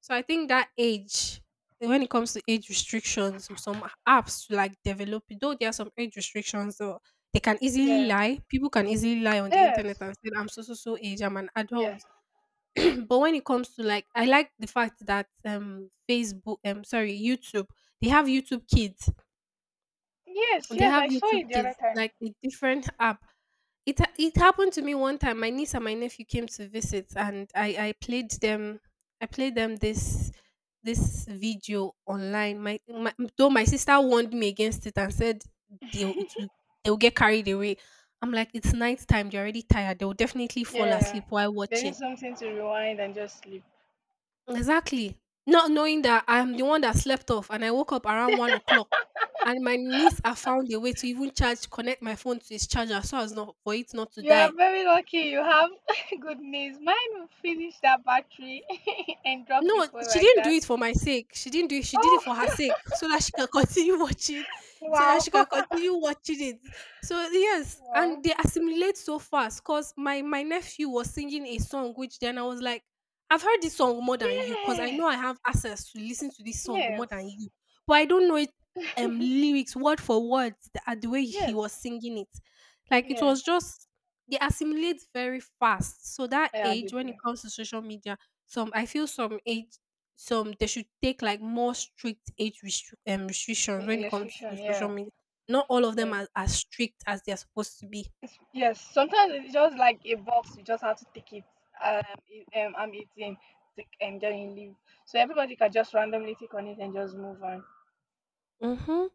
S1: So I think that age, when it comes to age restrictions, some apps to like develop, though there are some age restrictions, though they can easily
S2: Yeah.
S1: lie. People can easily lie on the internet
S2: Yes.
S1: and say, I'm so so so age, I'm an adult.
S2: Yeah.
S1: But when it comes to, like, I like the fact that Facebook, sorry, YouTube, they have YouTube kids
S2: Yes.
S1: they
S2: Yes.
S1: have
S2: I saw
S1: YouTube
S2: it the other
S1: kids
S2: time.
S1: like a different app. It happened to me one time. My niece and my nephew came to visit, and I played them. I played them this video online. My though my sister warned me against it and said, they'll it will, they'll get carried away. I'm like, it's night time. They're already tired. They'll definitely fall
S2: Yeah.
S1: asleep while
S2: They
S1: watching.
S2: need something to rewind and just sleep.
S1: Exactly. Not knowing that I'm the one that slept off, and I woke up around 1 o'clock, and my niece had found a way to even charge, connect my phone to its charger, so as not for it not to
S2: You are
S1: die.
S2: very lucky you have good news. Mine finished that battery and dropped the
S1: No,
S2: phone
S1: she
S2: like
S1: didn't do
S2: that.
S1: it for my sake. She didn't do it. She did it
S2: Oh,
S1: for her sake, so that she can continue watching, so that
S2: wow.
S1: she can continue watching it. So yes, and
S2: Wow.
S1: they assimilate so fast. Cause my nephew was singing a song, which then I was like, I've heard this song more than you, cause I
S2: Yeah.
S1: know I have access to listen to this song more than
S2: Yes.
S1: you, but I don't know it lyrics word for word the way he
S2: Yes.
S1: was singing it. Like it
S2: Yeah.
S1: was just they assimilate very fast. So that
S2: Yeah, I
S1: age,
S2: did.
S1: when it
S2: Too.
S1: comes to social media some I feel some age some they should take like more strict
S2: Y-
S1: restrictions when it
S2: Yes,
S1: comes to
S2: fiction.
S1: social
S2: Yeah.
S1: media. Not all of them
S2: Yeah.
S1: are as strict as they are supposed to be.
S2: It's, yes. Sometimes it's just like a box. You just have to take it. Um, I'm eating. Take and then you leave. So everybody can just randomly take on it and just move on.
S1: Mm-hmm.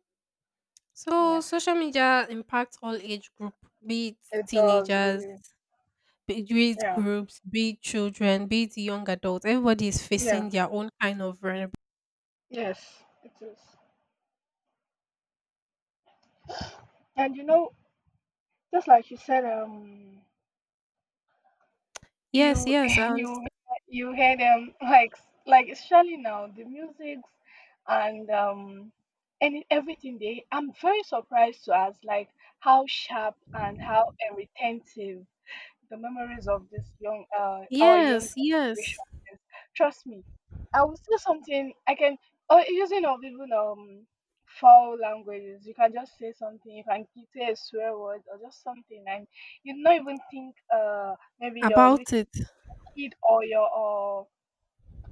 S1: So
S2: Yeah.
S1: social media impacts all age group, be it
S2: It does.
S1: teenagers,
S2: Really.
S1: be it
S2: Yeah.
S1: groups, be it children, be it young adults. Everybody is
S2: Yeah.
S1: facing their own kind of vulnerability.
S2: Yes, it is. And you know, just like you said,
S1: Yes,
S2: you
S1: yes, and
S2: you hear them like especially now the musics and um and everything. They I'm very surprised to us like how sharp and how and retentive the memories of this young our young
S1: yes, yes.
S2: generation is, trust me. I will say something I can, using of even foul languages, you can just say something, you can say a swear word or just something, and you not even think maybe your little
S1: About it.
S2: kid or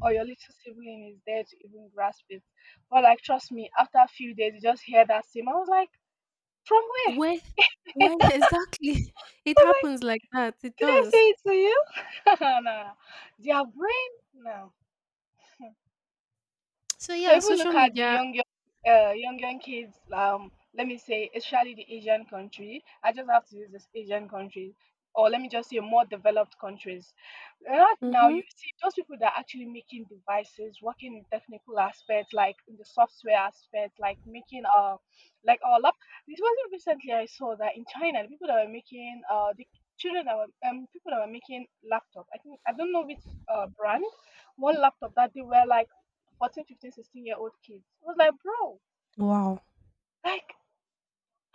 S2: or your little sibling is there to even grasp it. But like trust me, after a few days you just hear that same. I was like, from where?
S1: Where
S2: I
S1: where exactly. It
S2: was like,
S1: happens like that. It
S2: did I
S1: does.
S2: say it to you? No, no, no, their brain. No.
S1: So
S2: So
S1: yeah,
S2: if we
S1: social
S2: look at the
S1: media.
S2: young young kids, let me say, especially the Asian country, I just have to use this Asian country, or let me just say more developed countries. Right now,
S1: Mhm.
S2: you see those people that are actually making devices, working in technical aspects, like in the software aspect, like making like our lap. This wasn't recently I saw that in China, the people that were making the children that were people that were making laptop. I think I don't know which brand, one laptop that they were like 14 15, 16 year old kids. I was like, bro,
S1: Wow.
S2: like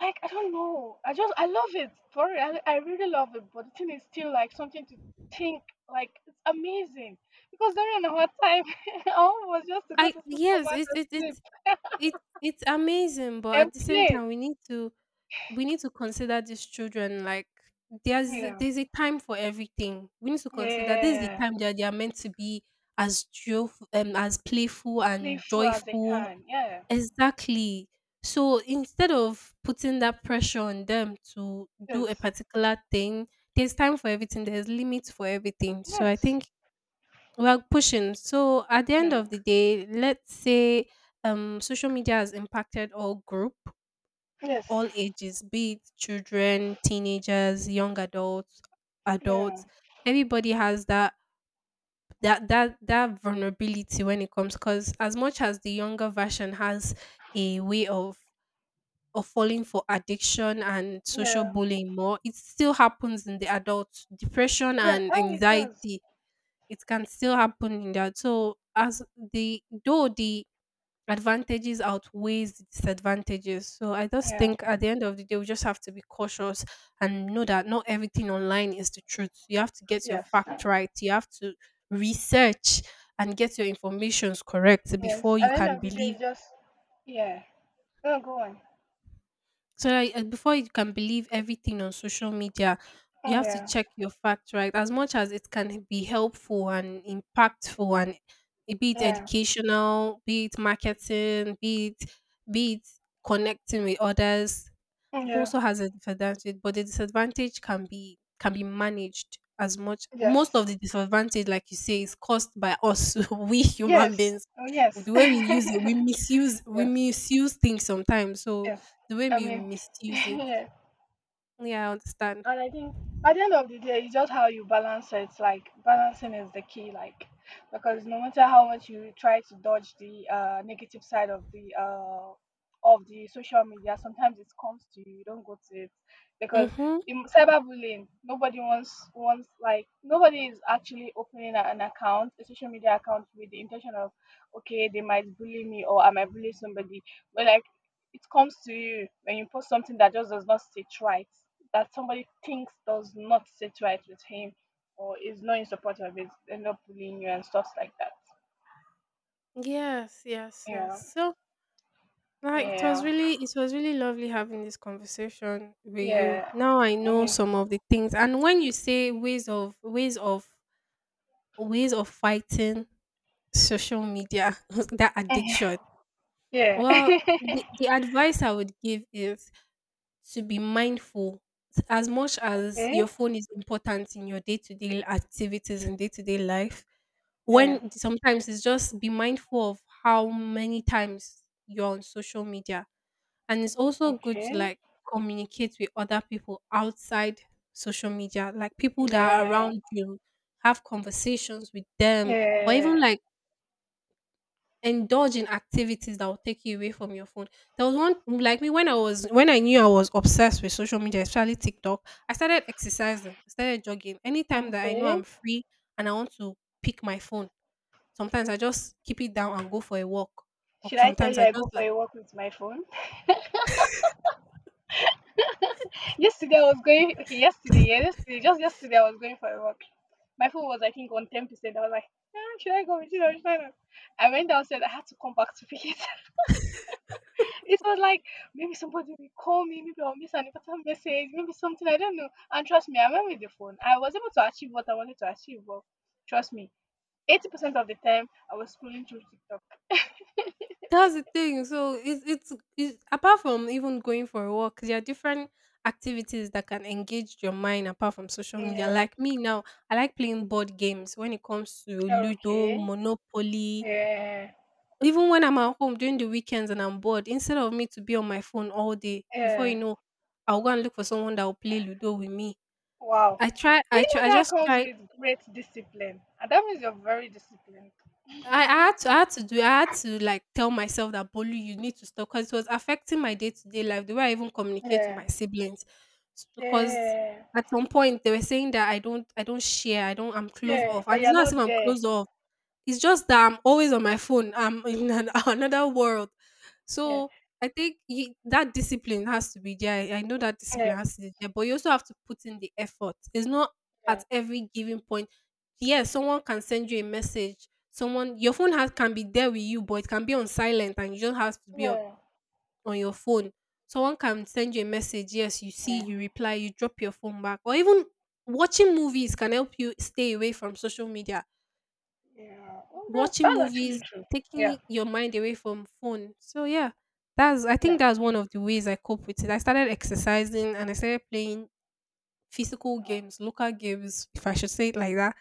S2: like I don't know, I just I love it for real. I really love it, but the thing is still like something to think. Like it's amazing because during our time all was just to go
S1: I
S2: to school, come
S1: yes,
S2: back
S1: it
S2: and
S1: it it
S2: sleep
S1: it it's amazing, but
S2: and
S1: at the same
S2: play.
S1: time we need to consider these children like there's
S2: Yeah,
S1: there's a time for everything. We need to consider this is the
S2: yeah,
S1: time that they are meant to be as joyful as playful and
S2: playful as they
S1: joyful.
S2: can, yeah,
S1: Exactly. So instead of putting that pressure on them to do a
S2: yes,
S1: particular thing, there's time for everything, there's limits for everything. So I
S2: yes,
S1: think we're pushing. So at the end
S2: yeah.
S1: of the day, let's say social media has impacted all group,
S2: Yes,
S1: all ages, be it children, teenagers, young adults,
S2: yeah,
S1: adults. Everybody has that vulnerability when it comes because as much as the younger version has a way of or falling for addiction and social
S2: yeah,
S1: bullying more. It still happens in the adults. Depression
S2: yeah,
S1: and
S2: oh it does,
S1: anxiety, it can still happen in that. So as the advantages outweighs the disadvantages. So I just
S2: yeah,
S1: think at the end of the day we just have to be cautious and know that not everything online is the truth. You have to get your
S2: yes,
S1: fact right. You have to research and get your informations correct
S2: yes,
S1: before you
S2: at the end
S1: can
S2: of the day
S1: believe.
S2: you just, yeah. Oh, go on.
S1: So like, before you can believe everything on social media, you
S2: Mm,
S1: have to
S2: yeah,
S1: check your fact right. As much as it can be helpful and impactful, and be it
S2: yeah,
S1: educational, be it marketing, be it connecting with others,
S2: mm,
S1: it
S2: yeah.
S1: also has a disadvantage. But the disadvantage can be managed as much. Most
S2: Yes,
S1: of the disadvantage, like you say, is caused by us, we human
S2: yes.
S1: beings.
S2: Oh,
S1: With
S2: yes,
S1: the way we use it, we misuse we
S2: yes,
S1: misuse things sometimes. So
S2: yes.
S1: the way
S2: I
S1: you
S2: mean,
S1: misuse it.
S2: yes.
S1: Yeah, I understand.
S2: And I think at the end of the day, it's just how you balance it. Like balancing is the key. Like because no matter how much you try to dodge the negative side of the social media, sometimes it comes to you. You don't go to it because
S1: Mhm.
S2: in cyberbullying, nobody wants like nobody is actually opening an account, a social media account, with the intention of okay, they might bully me or I might bully somebody. But like it comes to you when you post something that just does not sit right, that somebody thinks does not sit right with him or is not in support of it, end up bullying you and stuff like that.
S1: Yes, yes, yes.
S2: Yeah.
S1: So like it was
S2: Yeah.
S1: really it was really lovely having this conversation with you.
S2: Yeah.
S1: Now I
S2: I
S1: know
S2: mean
S1: some of the things. And when you say ways of fighting social media that addiction.
S2: yeah.
S1: Well, the, the advice I would give is to be mindful as much as
S2: Okay.
S1: your phone is important in your day-to-day activities and day-to-day life.
S2: Yeah.
S1: When sometimes it's just be mindful of how many times you're on social media. And it's also good to
S2: Okay.
S1: like communicate with other people outside social media, like people that are
S2: Yeah.
S1: around you, have conversations with them, or even
S2: Yeah.
S1: like indulge in activities that will take you away from your phone. There was one like me when I was when I knew I was obsessed with social media, especially TikTok. I started exercising, I started jogging. Anytime that I know
S2: Okay.
S1: I'm free and I want to pick my phone, sometimes I just keep it down and go for a walk, or
S2: Should I tell
S1: sometimes
S2: you
S1: I
S2: I go
S1: just
S2: for
S1: like
S2: a walk with my phone? Yesterday I was going, okay, yesterday, yeah, yesterday, just yesterday I was going for a walk. My phone was I think on 10%. I was like, ah, should I go with it or should I not? I went downstairs, I had to come back to pick it. It was like, maybe somebody will call me, maybe I'll miss an important message, maybe something I don't know. And trust me, I went with the phone. I was able to achieve what I wanted to achieve, but trust me, 80% of the time I was scrolling through TikTok.
S1: that's the thing. So it's apart from even going for a walk, there are different activities that can engage your mind apart from social media.
S2: Yeah.
S1: Like me now, I like playing board games when it comes to Ludo,
S2: Okay.
S1: Monopoly.
S2: Yeah.
S1: Even when I'm at home during the weekends and I'm bored, instead of me to be on my phone all day, before you
S2: Yeah.
S1: know, I'll go and look for someone that will play Ludo with me.
S2: Wow. But you
S1: I
S2: know that
S1: just
S2: comes
S1: try.
S2: with great discipline, and that means you're very disciplined.
S1: I had to do I had to like tell myself that Bolu, you need to stop because it was affecting my day to day life, the way I even communicate with
S2: Yeah.
S1: my siblings. Because
S2: Yeah.
S1: at some point they were saying that I don't share, I don't I'm closed
S2: Yeah.
S1: off. And
S2: Like
S1: it's
S2: you're
S1: not as
S2: not
S1: if I'm
S2: there.
S1: closed off. It's just that I'm always on my phone. I'm in an, another world.
S2: Yeah.
S1: So I think you, that discipline has to be there. I know that
S2: Yeah.
S1: discipline has to be there, but you also have to put in the effort. It's not at
S2: Yeah.
S1: every given point. Yes, someone can send you a message. Someone your phone has can be there with you, but it can be on silent, and you just have to be
S2: Yeah.
S1: on your phone. Someone can send you a message. Yes, you see,
S2: Yeah.
S1: you reply, you drop your phone back, or even watching movies can help you stay away from social media,
S2: Yeah. Well,
S1: watching
S2: that's actually
S1: movies,
S2: true. Yeah.
S1: taking your mind away from phone. So yeah, that's I think
S2: Yeah.
S1: that's one of the ways I cope with it. I started exercising and I started playing physical
S2: Oh,
S1: games, local games, if I should say it like that.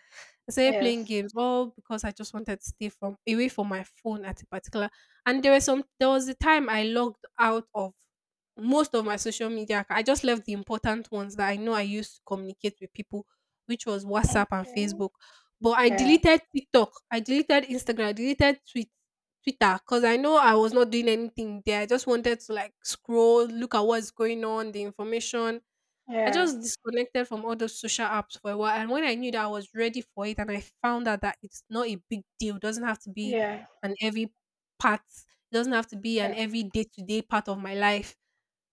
S1: I started playing
S2: yes.
S1: games all because I just wanted to stay from away from my phone at a particular. And there was some. There was a time I logged out of most of my social media. I just left the important ones that I know I used to communicate with people, which was WhatsApp and
S2: Okay.
S1: Facebook. But I
S2: Yeah.
S1: deleted TikTok, I deleted Instagram, I deleted Twitter. Twitter because I know I was not doing anything there. I just wanted to like scroll, look at what's going on, the information, I
S2: Yeah.
S1: just disconnected from all those social apps for a while. And when I knew that I was ready for it and I found out that it's not a big deal, doesn't have to be
S2: Yeah.
S1: an every part, it doesn't have to be an
S2: Yeah.
S1: every day to day part of my life.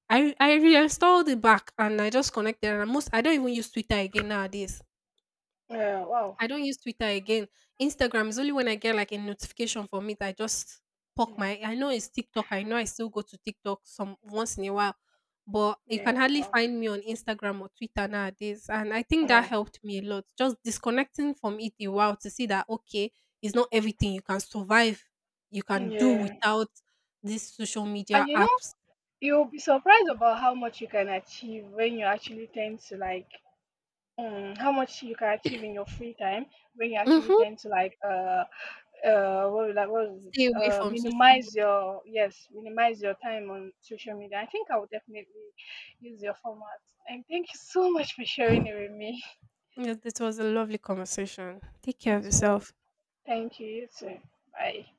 S1: I reinstalled it back and I just connected. And most, I don't even use Twitter again nowadays.
S2: Yeah. Wow.
S1: I don't use Twitter again. Instagram is only when I get like a notification from it. I just poke
S2: Yeah.
S1: my. I know it's TikTok. I know I still go to TikTok some once in a while, but you can
S2: Yeah.
S1: hardly
S2: Wow.
S1: find me on Instagram or Twitter nowadays. And I think that
S2: Wow.
S1: helped me a lot. Just disconnecting from it a while to see that okay, it's not everything you can survive. You can do
S2: Yeah.
S1: without these social media
S2: And you know,
S1: apps.
S2: you'll be surprised about how much you can achieve when you actually tend to like how much you can achieve in your free time when you actually
S1: Hmm.
S2: tend to like what was that it?
S1: Stay away from social media.
S2: Minimize your, yes, minimize your time on social media. I think I will definitely use your format. And thank you so much for sharing it with me.
S1: Yes, this was a lovely conversation. Take care of
S2: It was
S1: yourself.
S2: thank you. You too. Bye.